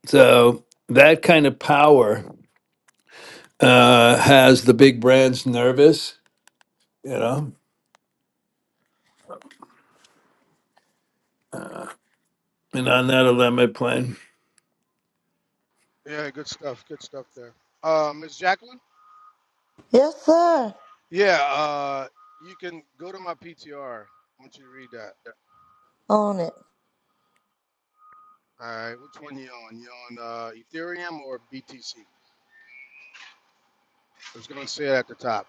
K: So that kind of power uh, has the big brands nervous, you know, and on that 11 plane.
J: Yeah, good stuff. Good stuff there. Uh, Miss Jacqueline.
A: Yes, sir.
J: Yeah. Uh, you can go to my PTR. I want you to read that.
A: On it.
J: All right. Which one you on? You on uh, Ethereum or BTC? It's gonna say it at the top.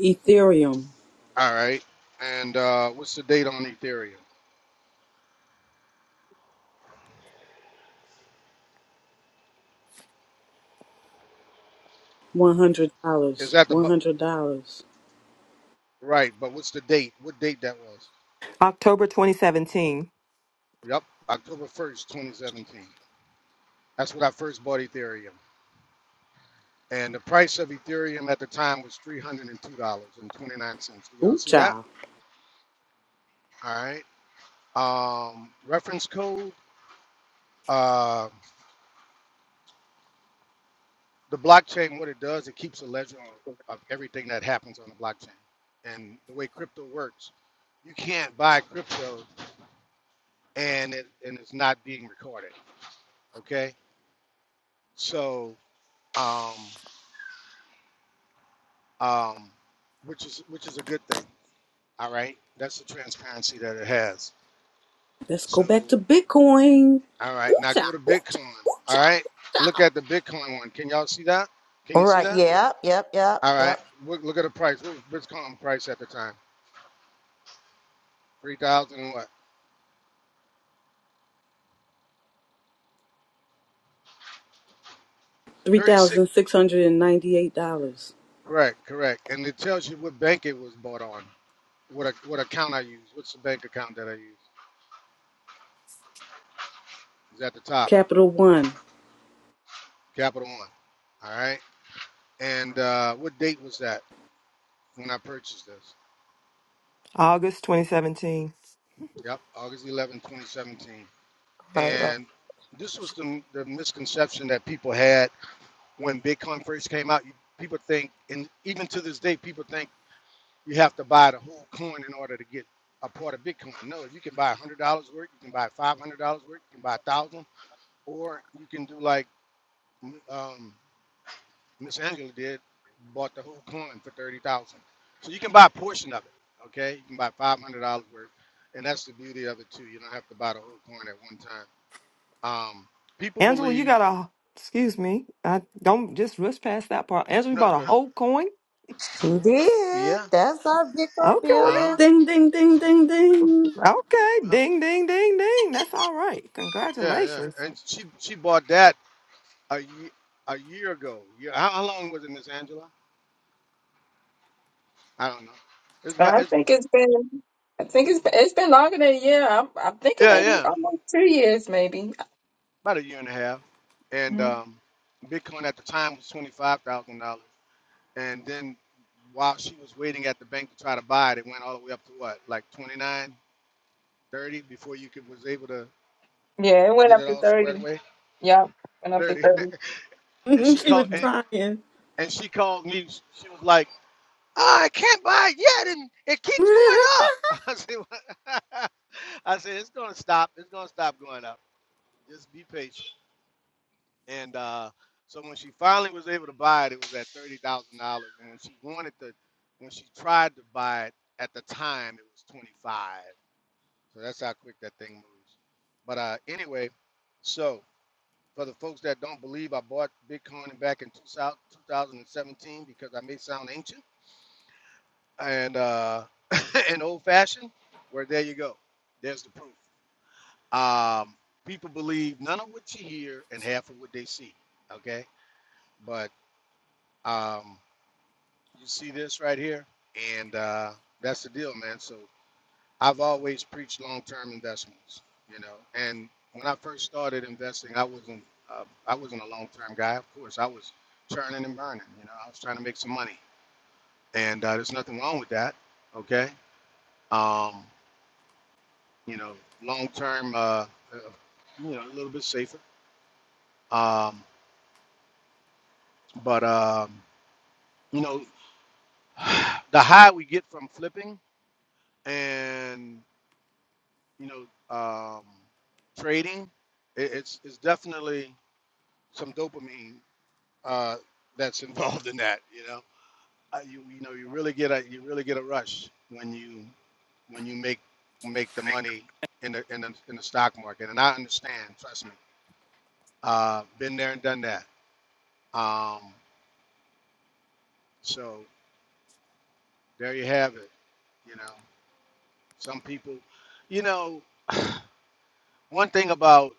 B: Ethereum,
J: All right. And uh, what's the date on Ethereum? Is
B: $100.
J: that the bu-
B: $100.
J: right? But what's the date? What date that was?
G: October 2017,
J: Yep, October first, twenty seventeen. That's when I first bought Ethereum, and the price of Ethereum at the time was three hundred and two dollars and twenty nine cents. Do y'all
B: Ooh,
J: see that?
B: child.
J: All right. Um, reference code. Uh, the blockchain. What it does, it keeps a ledger of of everything that happens on the blockchain. And the way crypto works, you can't buy crypto and it and it's not being recorded. Okay, so um, um, which is which is a good thing. All right, that's the transparency that it has.
B: Let's go
J: So
B: back to Bitcoin.
J: all
B: Ooh,
J: right, now go
B: child.
J: to
B: Ooh, child.
J: Bitcoin.
B: Ooh,
J: All
B: child.
J: right, look at the Bitcoin one. Can y'all see that? Can
A: All
J: you see
A: right.
J: that?
A: Yep, yep, yep,
J: All right,
A: yep.
J: look, look at the price. What was Bitcoin price at the time? Three thousand what? Thirty six.
B: $3,698.
J: Correct, correct. And it tells you what bank it was bought on. What a, what account I use. What's the bank account that I use? It's at the top,
B: Capital One.
J: Capital One. All right. And uh, what date was that? when I purchased this.
G: August 2017.
J: Yep, August 11, 2017.
A: Right, right.
J: And this was the, the misconception that people had when Bitcoin first came out. You- People think, and even to this day, people think you have to buy the whole coin in order to get a part of Bitcoin. No, you can buy $100 worth, you can buy $500 worth, you can buy 1000 or you can do like um, Miss Angela did, bought the whole coin for thirty thousand. dollars. So you can buy a portion of it. Okay, you can buy five hundred dollars worth, and that's the beauty of it too. You don't have to buy the whole coin at one time. Um, people
G: Angela, you
J: believe
G: got a excuse me. I don't just rush past that part. Angela, you
J: no,
G: bought a
J: go-
G: whole coin.
A: She did.
J: yeah,
A: That's our big on
G: Okay.
J: uh huh,
A: beauty.
B: Ding, ding, ding, ding, ding.
G: Okay.
J: oh,
G: Ding ding ding ding. That's all right.
J: yeah,
G: Congratulations.
J: yeah, and she she bought that a year a year ago. Yeah, how, how long was it, Miss Angela? I don't know. It's
C: So
J: about
C: I
J: it's
C: think it's been, I think it's been, it's been longer than a year. I'm, I'm thinking
J: yeah,
C: maybe
J: yeah,
C: almost two years, maybe.
J: about a year and a half, and
C: Mhm.
J: um, Bitcoin at the time was twenty five thousand dollars And then while she was waiting at the bank to try to buy it, it went all the way up to what, like 29.30, before you could was able to
C: Yeah, it went
J: get
C: up
J: it
C: to
J: all
C: thirty.
J: squared away?
C: Yeah, went up to
J: 30.
C: 30
J: and she
B: she
J: called
B: was
C: Mhm.
J: and,
B: trying.
J: and she called me. She was like, oh, I can't buy it yet, and it keeps going up. I said, "What?" I said, it's gonna stop. It's gonna stop going up. Just be patient. And uh, so when she finally was able to buy it, it was at thirty thousand dollars. And when she wanted to, when she tried to buy it at the time, it was twenty five. So that's how quick that thing moves. But uh, anyway, so for the folks that don't believe, I bought Bitcoin back in 2000 2017 because I may sound ancient and uh, and old fashioned. Where there you go, there's the proof. Um, people believe none of what you hear and half of what they see. Okay, but Um, you see this right here, and uh, that's the deal, man. So I've always preached long-term investments, you know. And when I first started investing, I wasn't uh, I wasn't a long-term guy. Of course, I was churning and burning, you know. I was trying to make some money, and uh, there's nothing wrong with that, okay? Um, you know, long-term, uh, uh, you know, a little bit safer. Um, but um, you know, the high we get from flipping and you know, um, trading, it, it's it's definitely some dopamine uh, that's involved in that. You know, uh, you you know you really get a you really get a rush when you when you make make the money in the in the, in the stock market, and I understand. Trust me, uh, been there and done that. Um, so there you have it. You know, some people, you know, one thing about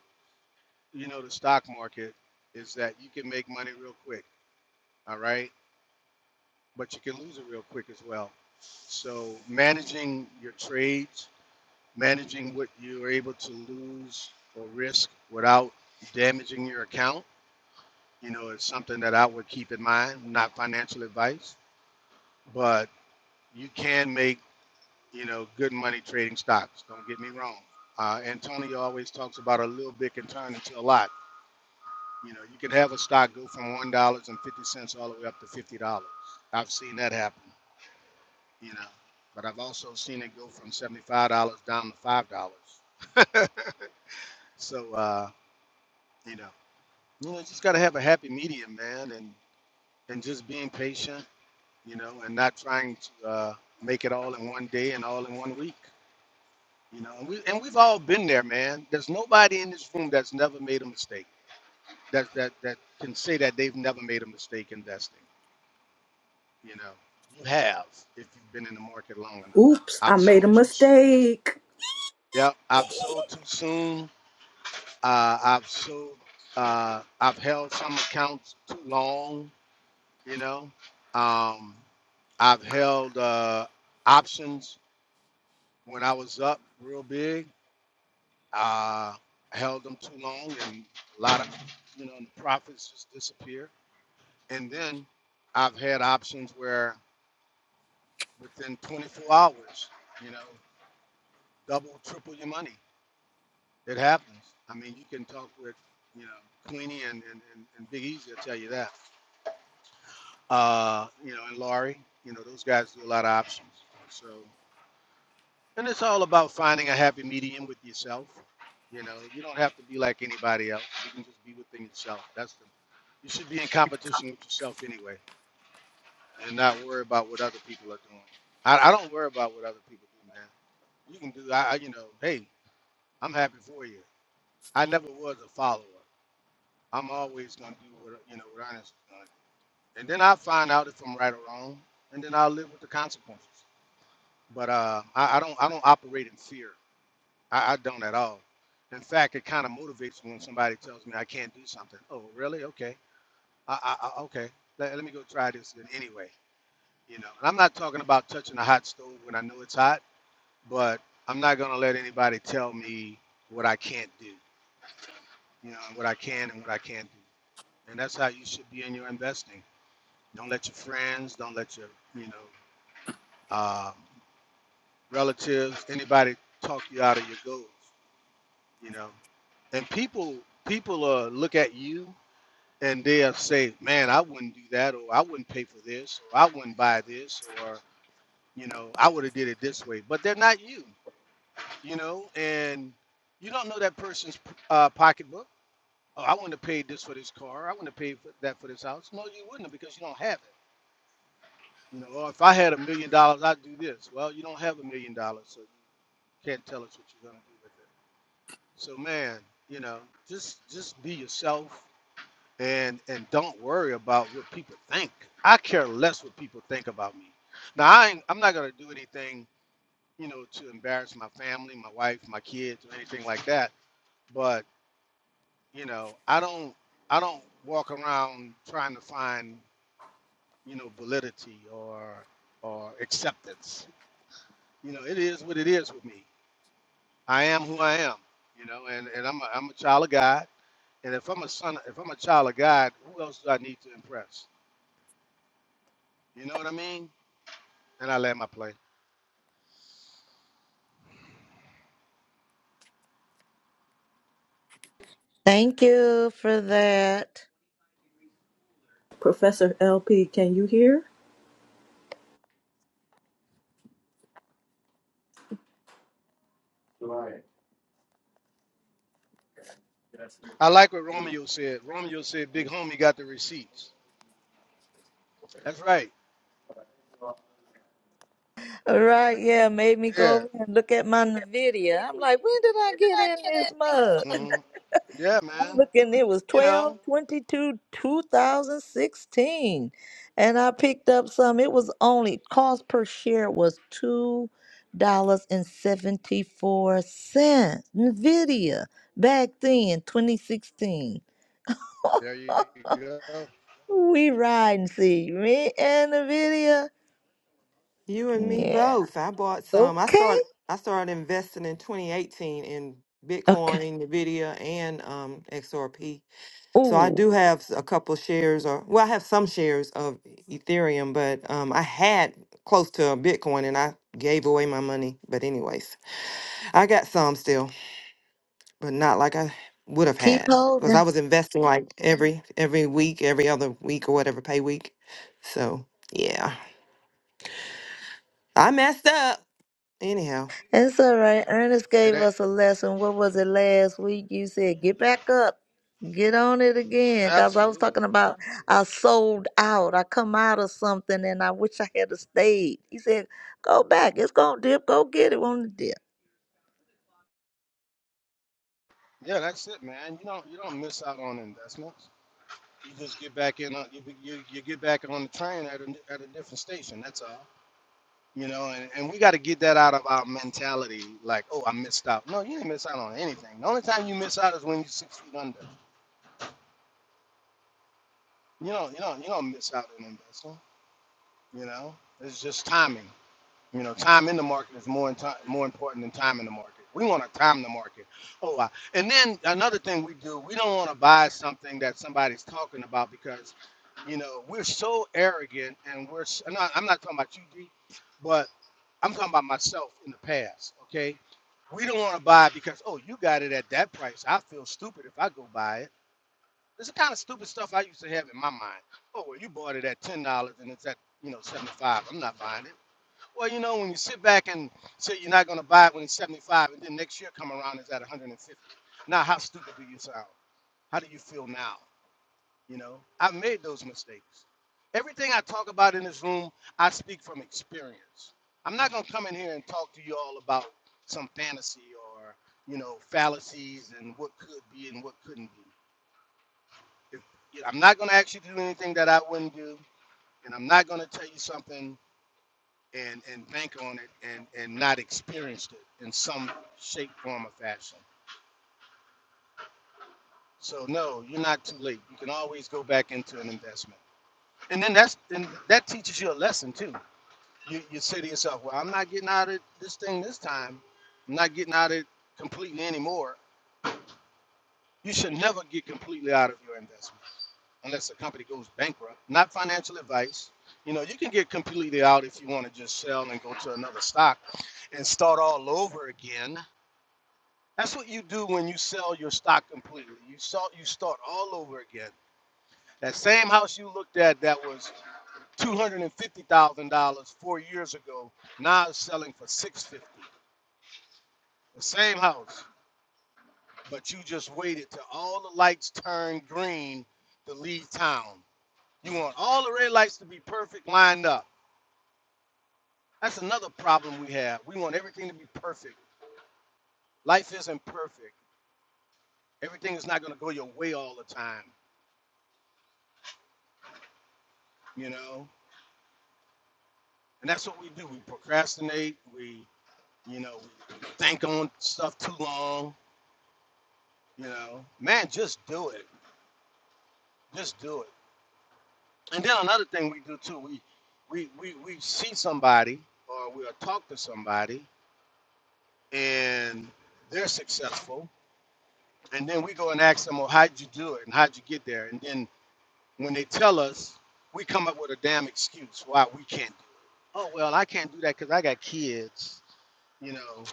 J: you know the stock market is that you can make money real quick all right? But you can lose it real quick as well. So managing your trades, managing what you're able to lose or risk without damaging your account, you know, is something that I would keep in mind, not financial advice, but you can make, you know, good money trading stocks. Don't get me wrong. Uh, Antonio always talks about a little bit can turn into a lot. You know, you can have a stock go from $1.50 all the way up to $50. I've seen that happen you know. But I've also seen it go from seventy-five dollars down to five dollars. so uh, you know, you know, just gotta have a happy medium, man, and and just being patient, you know, and not trying to uh, make it all in one day and all in one week, you know. And we and we've all been there, man. There's nobody in this room that's never made a mistake. That that that can say that they've never made a mistake investing. You know, you have if you've been in the market long enough.
B: Oops, I
J: I've
B: made
J: sold
B: a
J: too. s-
B: mistake.
J: Yep, I've sold too soon. Uh, I've so uh, I've held some accounts too long, you know. Um, I've held uh, options when I was up real big. Uh, I held them too long, and a lot of you know the profits just disappear. And then I've had options where within 24 hours, you know, double, triple your money. It happens. I mean, you can talk with you know Queenie and and, and, and Big Easy. will tell you that. uh, you know, and Laurie. You know, those guys do a lot of options. So, and it's all about finding a happy medium with yourself. You know, you don't have to be like anybody else. You can just be within yourself. That's the. You should be in competition with yourself anyway, and not worry about what other people are doing. I, I don't worry about what other people do, man. You can do. I, I you know, hey, I'm happy for you. I never was a follower. I'm always gonna do what you know what Ernest is gonna do, and then I find out if I'm right or wrong, and then I'll live with the consequences. but uh, I, I don't I don't operate in fear. I, I don't at all. In fact, it kind of motivates me when somebody tells me I can't do something. Oh, really? Okay. I, I, I okay. Let, let me go try this then anyway. You know, and I'm not talking about touching a hot stove when I know it's hot, but I'm not gonna let anybody tell me what I can't do. You know, and what I can and what I can't do. And that's how you should be in your investing. Don't let your friends, don't let your you know um, relatives, anybody talk you out of your goals. you know. And people people uh look at you and they'll say, Man, I wouldn't do that or I wouldn't pay for this or I wouldn't buy this or you know, I would have did it this way. But they're not you, you know, and you don't know that person's uh, pocketbook. Oh, I wouldn't have paid this for this car. I wouldn't have paid for that for this house. No, you wouldn't have because you don't have it. You know, or if I had a million dollars, I'd do this. Well, you don't have a million dollars, so you can't tell us what you're gonna do with it. So man, you know, just just be yourself and and don't worry about what people think. I care less what people think about me. Now I ain't, I'm not gonna do anything, you know, to embarrass my family, my wife, my kids, or anything like that. But you know, I don't I don't walk around trying to find you know validity or or acceptance. You know, it is what it is with me. I am who I am. You know, and and I'm a, I'm a child of God. And if I'm a son, if I'm a child of God, who else do I need to impress? You know what I mean? And I land my plane.
A: Thank you for that.
B: Professor LP, can you hear?
J: I like what Romeo said. Romeo said, "Big homie got the receipts." That's right.
A: All right, yeah, made me go
J: Yeah.
A: over and look at my Nvidia. I'm like, when did I get in this mug?
J: hmm Yeah,
A: I'm
J: man.
A: looking, it was
J: You
A: twelve
J: know.
A: 22 2016. And I picked up some. It was only cost per share was two dollars and seventy four cents. Nvidia back then, 2016.
J: There you go.
A: We ride and see me and Nvidia.
G: You and me
A: Yeah.
G: both. I bought some. I
A: Okay.
G: started I started investing in 2018 in
A: Okay.
G: Bitcoin, Nvidia, and um XRP. So I
A: Ooh,
G: do have a couple shares or well, I have some shares of Ethereum, but um I had close to a Bitcoin and I gave away my money. But anyways, I got some still. but not like I would have
A: keep
G: had because I
A: holding.
G: was investing like every every week, every other week or whatever pay week. So yeah, I messed up. Anyhow,
A: It's all right. Ernest
J: It
A: gave
J: ain't,
A: us a lesson. What was it last week? You said, get back up, get on it again. Because I was
J: absolutely.
A: talking about I sold out. I come out of something and I wish I had a stayed. He said, go back. It's going to dip. Go get it on the dip.
J: Yeah, that's it, man. You don't you don't miss out on investments. You just get back in. On, you, you you get back on the train at a, at a different station. That's all. You know, and, and we got to get that out of our mentality. Like, oh, I missed out. No, you didn't miss out on anything. The only time you miss out is when you're six feet under. You don't you don't you don't miss out on investing. You know, it's just timing. You know, time in the market is more in ti- more important than time in the market. We want to time the market. Oh, wow. and then another thing we do, we don't want to buy something that somebody's talking about because, you know, we're so arrogant and we're. s- I'm not, I'm not talking about you, D, but I'm talking about myself in the past. Okay, we don't want to buy because oh, you got it at that price. I feel stupid if I go buy it it's the kind of stupid stuff I used to have in my mind. Oh, well, you bought it at ten dollars and it's at you know seventy five. I'm not buying it. Well, you know, when you sit back and say you're not going to buy it when it's seventy five, and then next year come around it's at one hundred and fifty. Now, how stupid do you sound? How do you feel now? You know, I've made those mistakes. Everything I talk about in this room, I speak from experience. I'm not going to come in here and talk to you all about some fantasy or you know fallacies and what could be and what couldn't be if, I'm not going to ask you to do anything that I wouldn't do, and I'm not going to tell you something and and bank on it and and not experienced it in some shape, form, or fashion. So no, you're not too late. You can always go back into an investment, and then that's and that teaches you a lesson too. You you say to yourself, well, I'm not getting out of this thing this time. I'm not getting out of it completely anymore. You should never get completely out of your investment unless the company goes bankrupt. Not financial advice. You know, you can get completely out if you want to just sell and go to another stock and start all over again. That's what you do when you sell your stock completely. You sell, you start all over again. That same house you looked at that was two hundred and fifty thousand dollars four years ago now it's selling for six hundred fifty. thousand dollars. The same house, but you just waited till all the lights turned green to leave town. You want all the red lights to be perfect lined up That's another problem we have. We want everything to be perfect. Life isn't perfect. Everything is not going to go your way all the time, you know? And that's what we do. We procrastinate. We, you know, we think on stuff too long, you know? Man, just do it. Just do it. And then another thing we do too, we, we, we, we see somebody or we'll talk to somebody and they're successful. And then we go and ask them, well, how'd you do it? And how'd you get there? And then when they tell us, we come up with a damn excuse why we can't do. It. Oh well, I can't do that because I got kids, you know,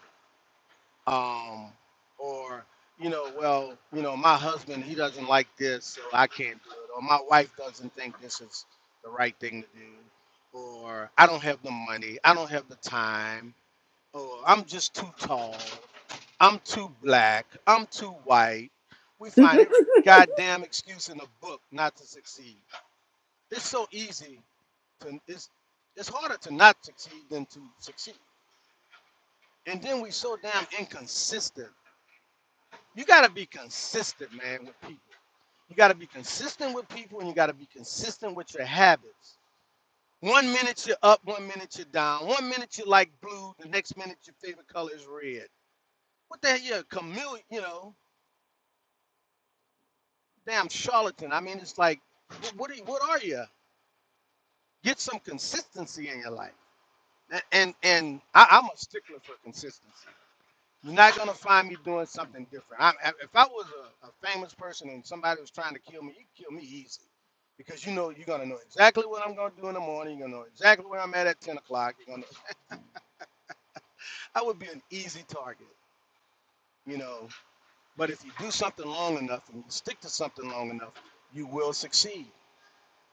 J: um, or you know, well, you know, my husband he doesn't like this, so I can't do it, or my wife doesn't think this is the right thing to do, or I don't have the money, I don't have the time, or I'm just too tall, I'm too black, I'm too white. We find every goddamn excuse in the book not to succeed it's so easy to, it's it's harder to not succeed than to succeed. And then we so damn inconsistent. You gotta be consistent, man, with people. You gotta be consistent with people, and you gotta be consistent with your habits. One minute you're up, one minute you're down. One minute you like blue, the next minute your favorite color is red. What the hell, you're a chameleon, you know, damn charlatan. I mean, it's like, what are you, what are you? Get some consistency in your life. A- And and I, I'm a stickler for consistency. You're not gonna find me doing something different. I'm, if I was a, a famous person and somebody was trying to kill me, you could kill me easy, because you know you're gonna know exactly what I'm gonna do in the morning. You're gonna know exactly where I'm at at 10 o'clock. You're gonna. I would be an easy target, you know. But if you do something long enough and you stick to something long enough, you will succeed.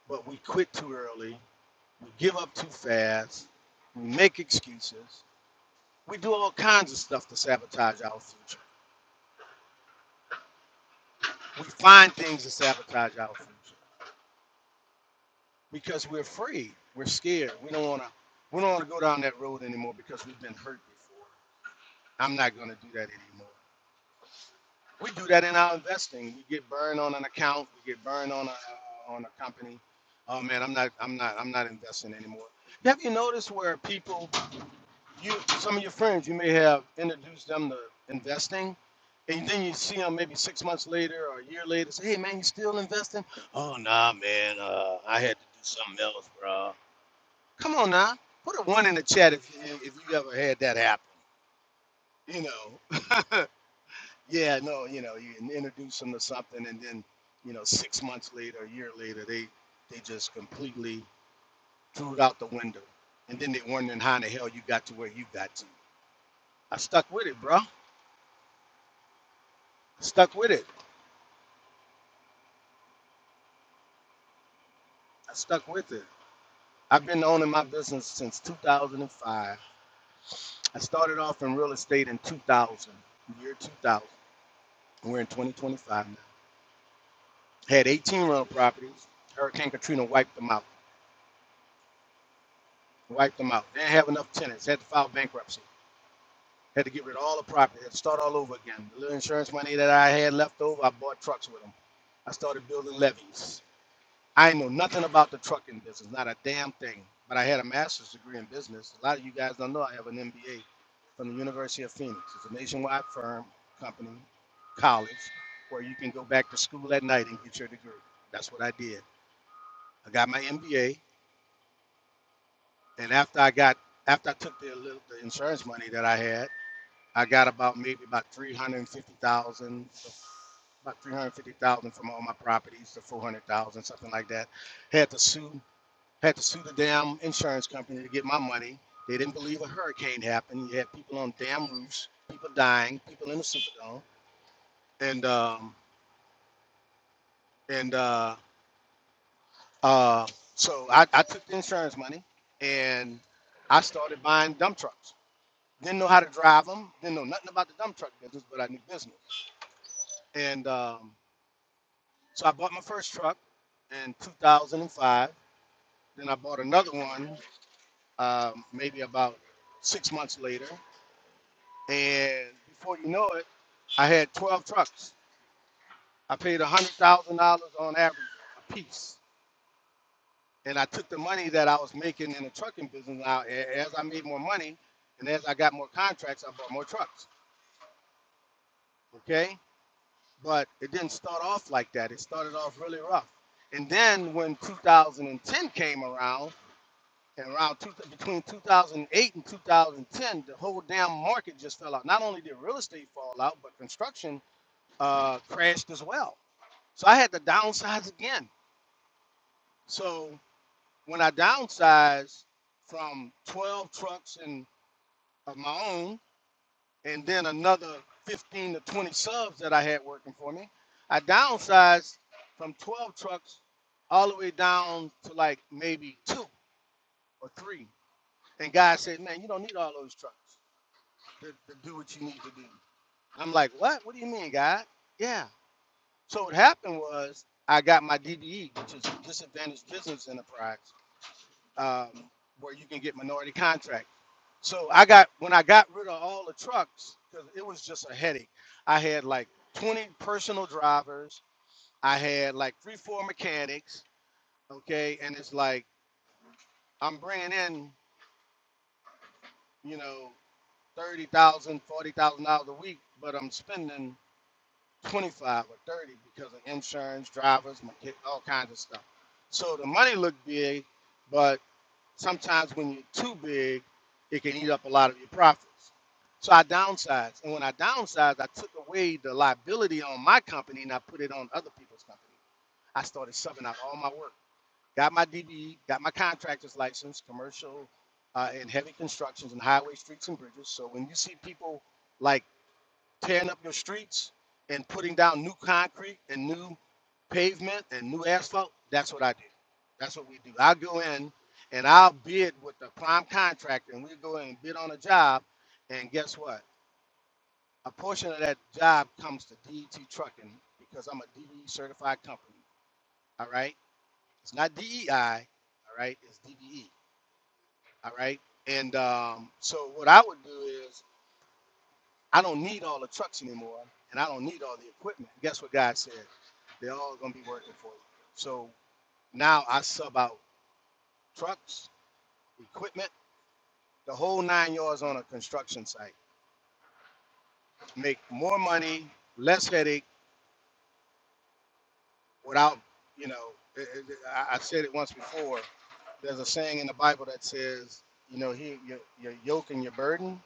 J: But we quit too early. We give up too fast. We make excuses. We do all kinds of stuff to sabotage our future. We find things to sabotage our future. because we're afraid. We're scared. We don't want to. We don't want to go down that road anymore because we've been hurt before. I'm not going to do that anymore. We do that in our investing. We get burned on an account. We get burned on a on a company. Oh man, I'm not. I'm not. I'm not investing anymore. Have you noticed where people, you, some of your friends, you may have introduced them to investing, and then you see them maybe six months later or a year later. Say, hey man, you still investing? Oh nah, man. Uh, I had to do something else, bro. Come on now, put a one in the chat if you, if you ever had that happen. You know, yeah, no, you know, you introduce them to something, and then you know, six months later, a year later, they they just completely threw it out the window, and then they wondering how in the hell you got to where you got to. I stuck with it, bro. I stuck with it. I stuck with it. I've been owning my business since 2005. I started off in real estate in 2000, year 2000. We're in 2025. Had 18 rental properties. Hurricane Katrina wiped them out. Wiped them out. Didn't have enough tenants. Had to file bankruptcy. Had to get rid of all the property. Had to start all over again. The little insurance money that I had left over, I bought trucks with them. I started building levees. I know nothing about the trucking business, not a damn thing. But I had a master's degree in business. A lot of you guys don't know I have an MBA from the University of Phoenix. It's a nationwide firm, company, college, where you can go back to school at night and get your degree. That's what I did. I got my MBA. And after I got after I took the, little- the insurance money that I had, I got about maybe about three hundred fifty thousand, about three hundred fifty thousand from all my properties to four hundred thousand, something like that. Had to sue, had to sue the damn insurance company to get my money. They didn't believe a hurricane happened. You had people on damn roofs, people dying, people in the Superdome, and um, and uh, uh, so I, I took the insurance money and I started buying dump trucks. Didn't know how to drive them. Didn't know nothing about the dump truck business, but I knew business. And um, so I bought my first truck in 2005. Then I bought another one um, maybe about six months later. And before you know it, I had 12 trucks. I paid $100,000 on average a piece. And I took the money that I was making in the trucking business out. As I made more money and as I got more contracts, I bought more trucks. Okay? but it didn't start off like that. It started off really rough. And then when 2010 came around, and around two, between 2008 and 2010, the whole damn market just fell out. Not only did real estate fall out, but construction uh, crashed as well. So I had to downsize again. So when I downsized from 12 trucks and of my own and then another 15 to 20 subs that I had working for me. I downsized from 12 trucks all the way down to like maybe two or three. And God said, Man, you don't need all those trucks to, to do what you need to do. I'm like, What? What do you mean, God? Yeah. So what happened was I got my DBE, which is Disadvantaged Business Enterprise, um, where you can get minority contracts. So I got when I got rid of all the trucks because it was just a headache. I had like 20 personal drivers. I had like three, four mechanics. Okay, and it's like I'm bringing in you know thirty thousand, forty thousand dollars a week, but I'm spending 25 or 30 because of insurance, drivers, mecha- all kinds of stuff. So the money looked big, but Sometimes when you're too big, it can eat up a lot of your profits. So I downsized. And when I downsized, I took away the liability on my company and I put it on other people's company. I started subbing out all my work. Got my DBE, got my contractor's license, commercial uh, and heavy constructions and highway, streets, and bridges. So when you see people like tearing up your streets and putting down new concrete and new pavement and new asphalt, that's what I do. That's what we do. I go in and I'll bid with the prime contractor and we go in and bid on a job. And guess what? A portion of that job comes to DET Trucking because I'm a DE certified company. All right. It's not DEI. All right. It's DDE. All right. And um, so what I would do is I don't need all the trucks anymore, and I don't need all the equipment. Guess what God said? They're all going to be working for you. So now I sub out trucks, equipment, the whole nine yards on a construction site. Make more money, less headache, without, you know, it, it, it- I I said it once before. There's a saying in the Bible that says, you know, he, your, your yoke and your burden,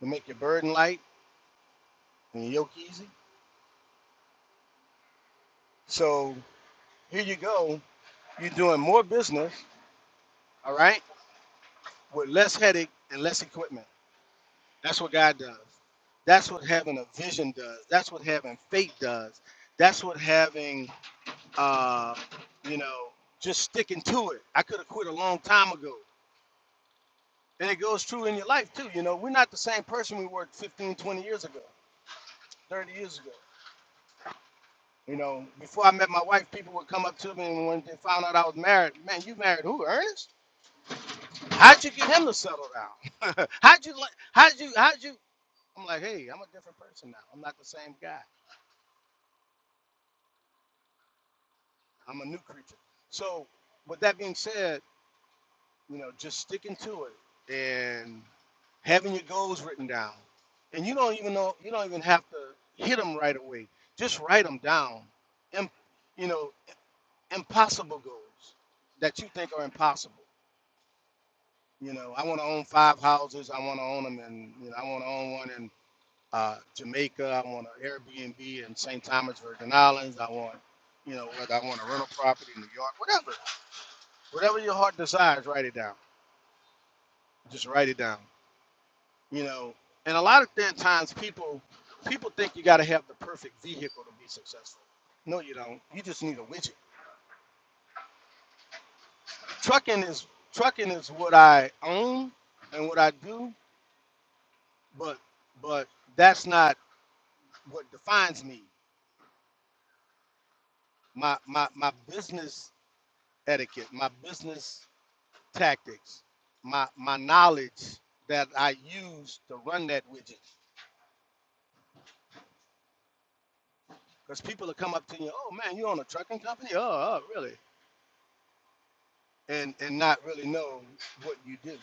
J: you make your burden light and your yoke easy. So here you go. You're doing more business, all right? with less headache and less equipment. That's what God does. That's what having a vision does. That's what having faith does. That's what having, uh, you know, just sticking to it. I could have quit a long time ago. And it goes true in your life too. You know, we're not the same person we were 15, 20 years ago, 30 years ago. You know, before I met my wife, people would come up to me and when they found out I was married, man, you married who? Ernest? How'd you get him to settle down? how'd you, how'd you, how'd you? I'm like, hey, I'm a different person now. I'm not the same guy. I'm a new creature. So, with that being said, you know, just sticking to it and having your goals written down, and you don't even know you don't even have to hit them right away. Just write them down. Im- you know, impossible goals that you think are impossible. You know, I want to own five houses. I want to own them, and you know, I want to own one in uh, Jamaica. I want an Airbnb in St. Thomas, Virgin Islands. I want, you know, whether I want a rental property in New York, whatever, whatever your heart desires, write it down. Just write it down. You know, and a lot of thin times people people think you got to have the perfect vehicle to be successful. No, you don't. You just need a widget. Trucking is trucking is what I own and what I do, but but that's not what defines me. My my my business etiquette, my business tactics, my my knowledge that I use to run that widget. Because people will come up to you, oh man, you own a trucking company? Oh, oh really? And and not really know what you do,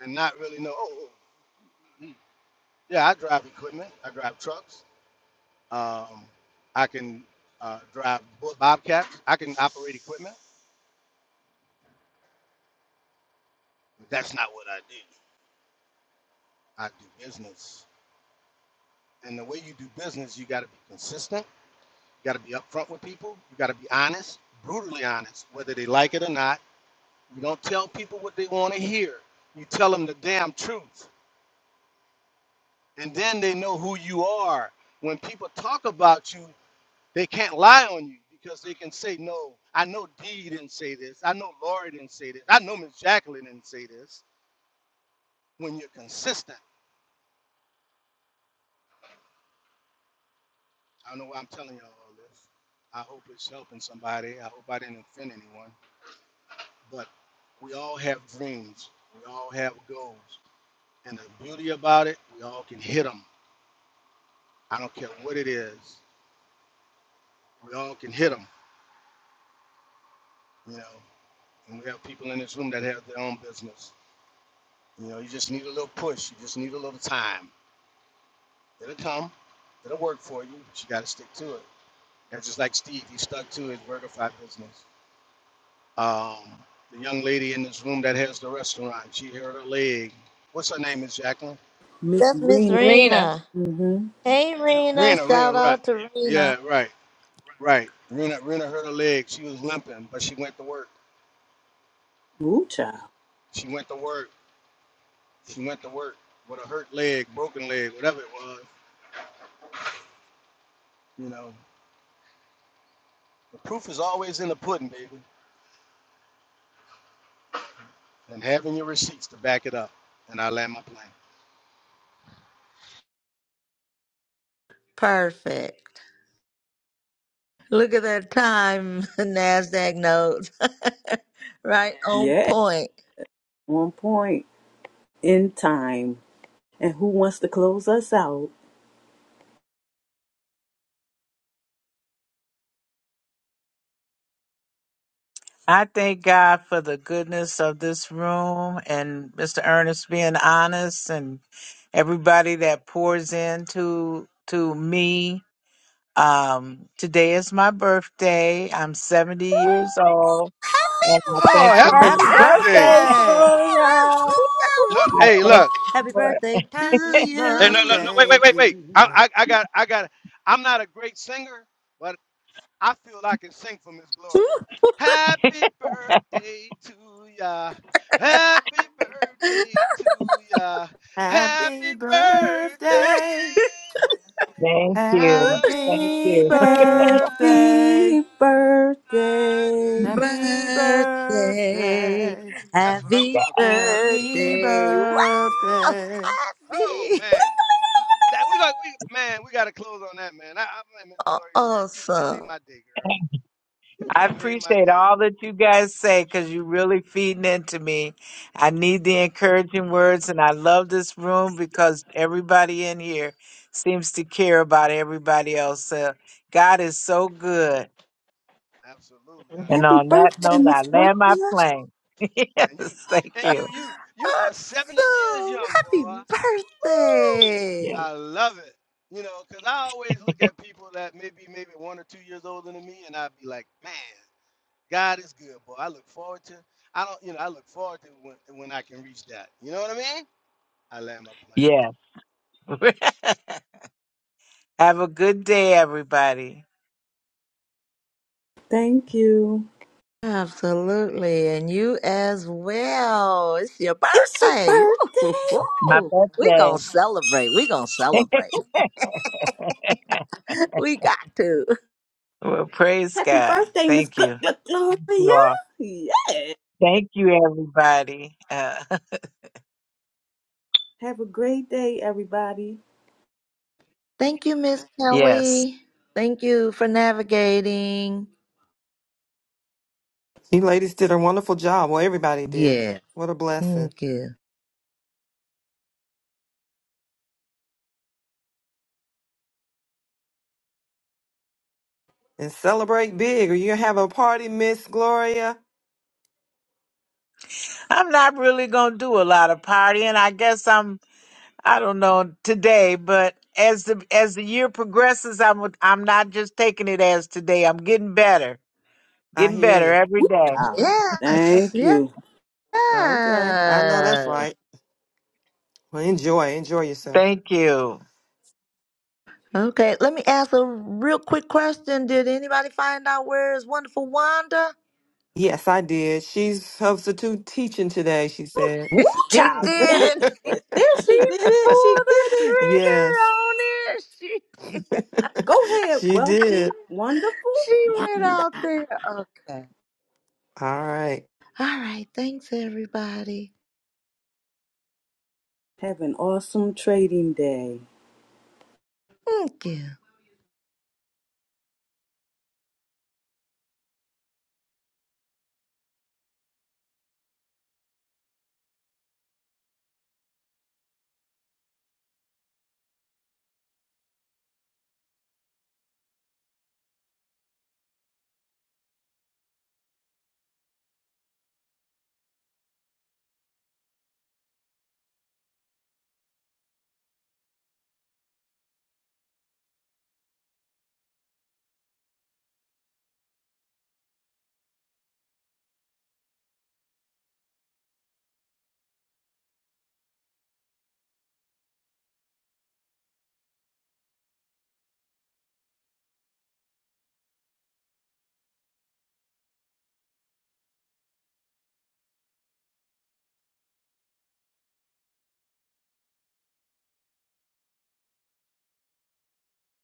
J: and not really know. Oh, oh, mm, yeah, I drive equipment. I drive trucks. Um, I can uh, drive bo- bobcats. I can operate equipment. But that's not what I do. I do business. And the way you do business, you got to be consistent You got to be upfront with people. You got to be honest, brutally honest, whether they like it or not. You don't tell people what they want to hear. You tell them the damn truth. And then they know who you are. When people talk about you, they can't lie on you because they can say, no, I know Dee didn't say this. I know Lori didn't say this. I know Miss Jacqueline didn't say this. When you're consistent, I don't know why I'm telling y'all all this. I hope it's helping somebody. I hope I didn't offend anyone. But we all have dreams. We all have goals. And the beauty about it, we all can hit them. I don't care what it is. We all can hit them, you know. And we have people in this room that have their own business. You know, you just need a little push. You just need a little time. It'll come. It'll work for you, but you got to stick to it. That's just like Steve. He stuck to his Vertify business. Um, the young lady in this room that has the restaurant, she hurt her leg. What's her name, Is Jacqueline?
B: Miss
A: That's Miss
B: Rena.
C: Rena.
A: Rena.
B: Mm-hmm.
A: Hey, Rena.
J: Rena, Rena,
A: Shout
J: right.
A: out to
J: Yeah,
A: Rena.
J: right, right. Rena, Rena hurt her leg. She was limping, but she went to work.
B: Ooh, child.
J: She went to work She went to work with a hurt leg, broken leg, whatever it was. You know, the proof is always in the pudding, baby, and having your receipts to back it up. And I land my plane.
A: Perfect. Look at that time, NASDAQ notes. right on
B: Yeah.
A: point.
B: One point in time. And who wants to close us out?
E: I thank God for the goodness of this room and Mr. Ernest being honest and everybody that pours into to me. Um, today is my birthday. I'm 70 years old,
A: Happy
E: and I
J: Oh,
E: thank the
J: happy
C: Happy
G: happy
J: birthday!
C: birthday,
E: Lord.
G: birthday!
A: birthday, my
C: Gloria.
A: sister.
J: No,
E: I
J: hey,
E: thank
A: Woo-hoo-hoo.
J: look.
E: the
A: Happy
E: Lord.
A: birthday to
G: Happy
J: Hey, no, no, no.
A: you.
J: Wait,
G: birthday
J: wait,
G: to
J: wait, wait. I,
G: you!
J: I, I got, I got. I'm not a great singer, but. I feel I can sing for Miss
A: Woo.
J: Gloria. Happy birthday to ya. Happy birthday to ya.
G: Happy
J: Happy birthday.
G: birthday!
E: Thank you. Thank you.
G: Happy birthday!
B: Happy birthday.
G: Happy
A: Birthday.
G: birthday!
J: That's what I'm
A: Happy
J: talking about. Happy
G: Happy
A: birthday.
J: birthday.
A: Wow.
G: birthday!
J: Oh
A: Happy.
J: man. That we like we man, we gotta close on that man. I, I Miss
A: Oh,
J: Gloria, man, you just made
A: awesome.
J: my day, girl. You
E: I
J: just made my
E: appreciate
J: day.
E: all that you guys say because you're really feeding into me. I need the encouraging words, and I love this room because everybody in here seems to care about everybody else. So God is so good.
J: Absolutely, honey.
E: And
B: Happy
E: on that
B: birthday,
J: Ab-
E: note, I
B: Miss Gloria.
E: land my plane. yes,
J: And you
E: thank
J: and you
E: you.
J: you you are 70 years
A: Awesome.
J: young,
A: Happy
J: boy. Woo!
E: Yeah.
A: birthday.
J: I love it. You know, because I always look at people that maybe maybe one or two years older than me, and I'd be like, man, God is good, boy. I look forward to I don't you know I look forward to when when I can reach that. You know what I mean? I land my plane.
E: Yes. Have a good day, everybody.
B: Thank you.
A: Absolutely. And you as well. It's your
B: It's your
A: birthday.
B: birthday.
E: My
A: Woo-hoo-hoo.
E: best
A: we
E: day.
A: going to celebrate. we going to celebrate. we got to.
E: well, praise
B: Happy
E: God.
B: birthday, Miss
E: Thank
B: Gl-
E: you.
B: Gl- Gloria.
E: You all.
B: Yeah.
E: Thank you, everybody. Uh,
B: Have a great day, everybody.
A: Thank you, Miss
E: Yes.
A: Kelly. Thank you for navigating.
G: You ladies did a wonderful job. Well, everybody did.
A: Yeah.
G: What a blessing.
A: Thank you.
G: And celebrate big, or you have a party, Miss Gloria.
E: I'm not really going to do a lot of partying. I guess I'm I don't know today, but as the as the year progresses, I'm I'm not just taking it as today. I'm getting better.
G: I
E: Getting
G: hear
E: better
G: you.
E: every
B: Woo,
E: day.
B: child.
A: Yes.
B: Thank
A: Yes.
B: you.
G: Okay. I know that's right. Well, enjoy. Enjoy yourself.
E: Thank you.
A: Okay. Let me ask a real quick question. Did anybody find out where is wonderful Wanda?
G: Yes, I did. She's substitute teaching today, she said.
B: Woo,
A: She
B: child.
A: did,
B: Yes.
A: and she,
B: There she
A: she
B: did it. She did
A: pulled the
B: it.
A: trigger
G: yes,
A: on it. She did.
B: Go ahead,
G: she
B: wealthy,
G: did.
B: wonderful,
A: She went
B: wonder.
A: out there. Okay.
G: All right.
A: All right. Thanks, everybody.
B: Have an awesome trading day.
A: Thank you.